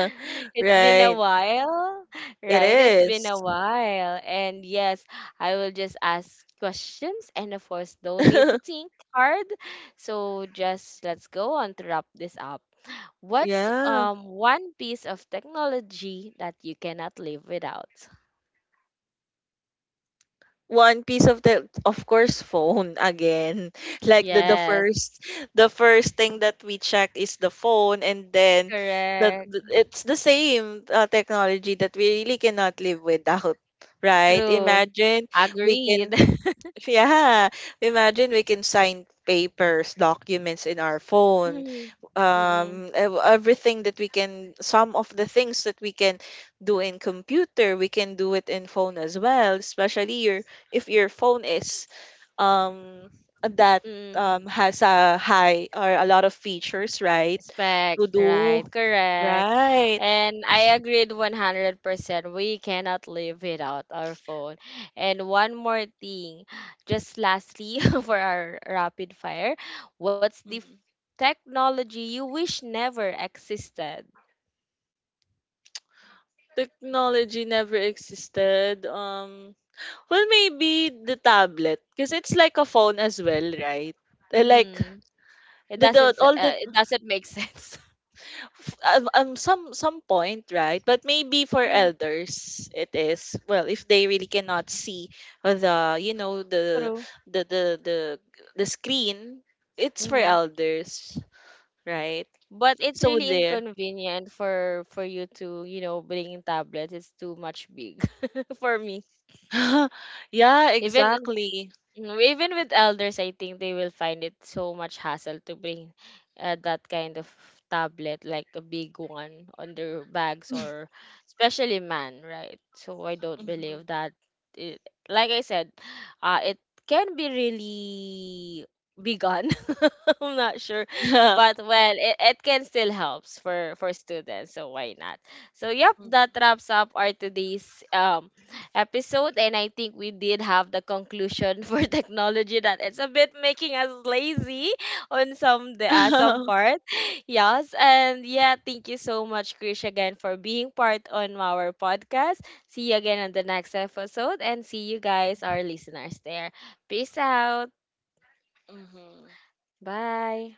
Speaker 1: It's been a
Speaker 2: Right.
Speaker 1: while,
Speaker 2: It
Speaker 1: right? It's been a
Speaker 2: is.
Speaker 1: while. And yes, I will just ask questions and, of course, don't need to think hard. So just let's go on to wrap this up. What's
Speaker 2: Yeah.
Speaker 1: one piece of technology that you cannot live without?
Speaker 2: One piece of the of course phone again. Like
Speaker 1: Yes,
Speaker 2: the first thing that we check is the phone, and then
Speaker 1: correct.
Speaker 2: the it's the same technology that we really cannot live without, right?
Speaker 1: True.
Speaker 2: Imagine we
Speaker 1: Agreed.
Speaker 2: can yeah, imagine we can sign papers, documents in our phone.
Speaker 1: Mm-mm. Mm-mm.
Speaker 2: Everything that we can some of the things that we can do in computer we can do it in phone as well, especially your, if your phone is um that
Speaker 1: Mm-mm.
Speaker 2: has a high or a lot of features, right,
Speaker 1: Respect,
Speaker 2: to
Speaker 1: right,
Speaker 2: do,
Speaker 1: correct.
Speaker 2: right.
Speaker 1: And I agreed 100%. We cannot live without our phone. And one more thing, just lastly, for our rapid fire, what's
Speaker 2: Mhm.
Speaker 1: technology you wish never existed?
Speaker 2: Technology never existed. Well, maybe the tablet because it's like a phone as well, right? Like
Speaker 1: Hmm.
Speaker 2: the all the
Speaker 1: It doesn't make sense.
Speaker 2: some point, right, but maybe for
Speaker 1: Mm,
Speaker 2: elders it is, well, if they really cannot see the, you know,
Speaker 1: true.
Speaker 2: the the the, the screen. It's for
Speaker 1: Mm-hmm.
Speaker 2: elders, right?
Speaker 1: But it's
Speaker 2: So
Speaker 1: really
Speaker 2: there,
Speaker 1: inconvenient for you to, you know, bring tablets. It's too much big for me.
Speaker 2: yeah,
Speaker 1: Even
Speaker 2: exactly.
Speaker 1: Mm, even with elders, I think they will find it so much hassle to bring that kind of tablet, like a big one, on their bags, or especially man, right? So I don't
Speaker 2: Mhm.
Speaker 1: believe that. It, like I said, it can be really big on. I'm not sure, but, well, it can still helps for students. So why not? So yep, that
Speaker 2: Mhm.
Speaker 1: wraps up our today's episode, and I think we did have the conclusion for technology that it's a bit making us lazy on some part. Yes, and yeah, thank you so much, Krish, again, for being part on our podcast. See you again on the next episode, and see you guys, our listeners, there. Peace out.
Speaker 2: Mhm.
Speaker 1: Bye.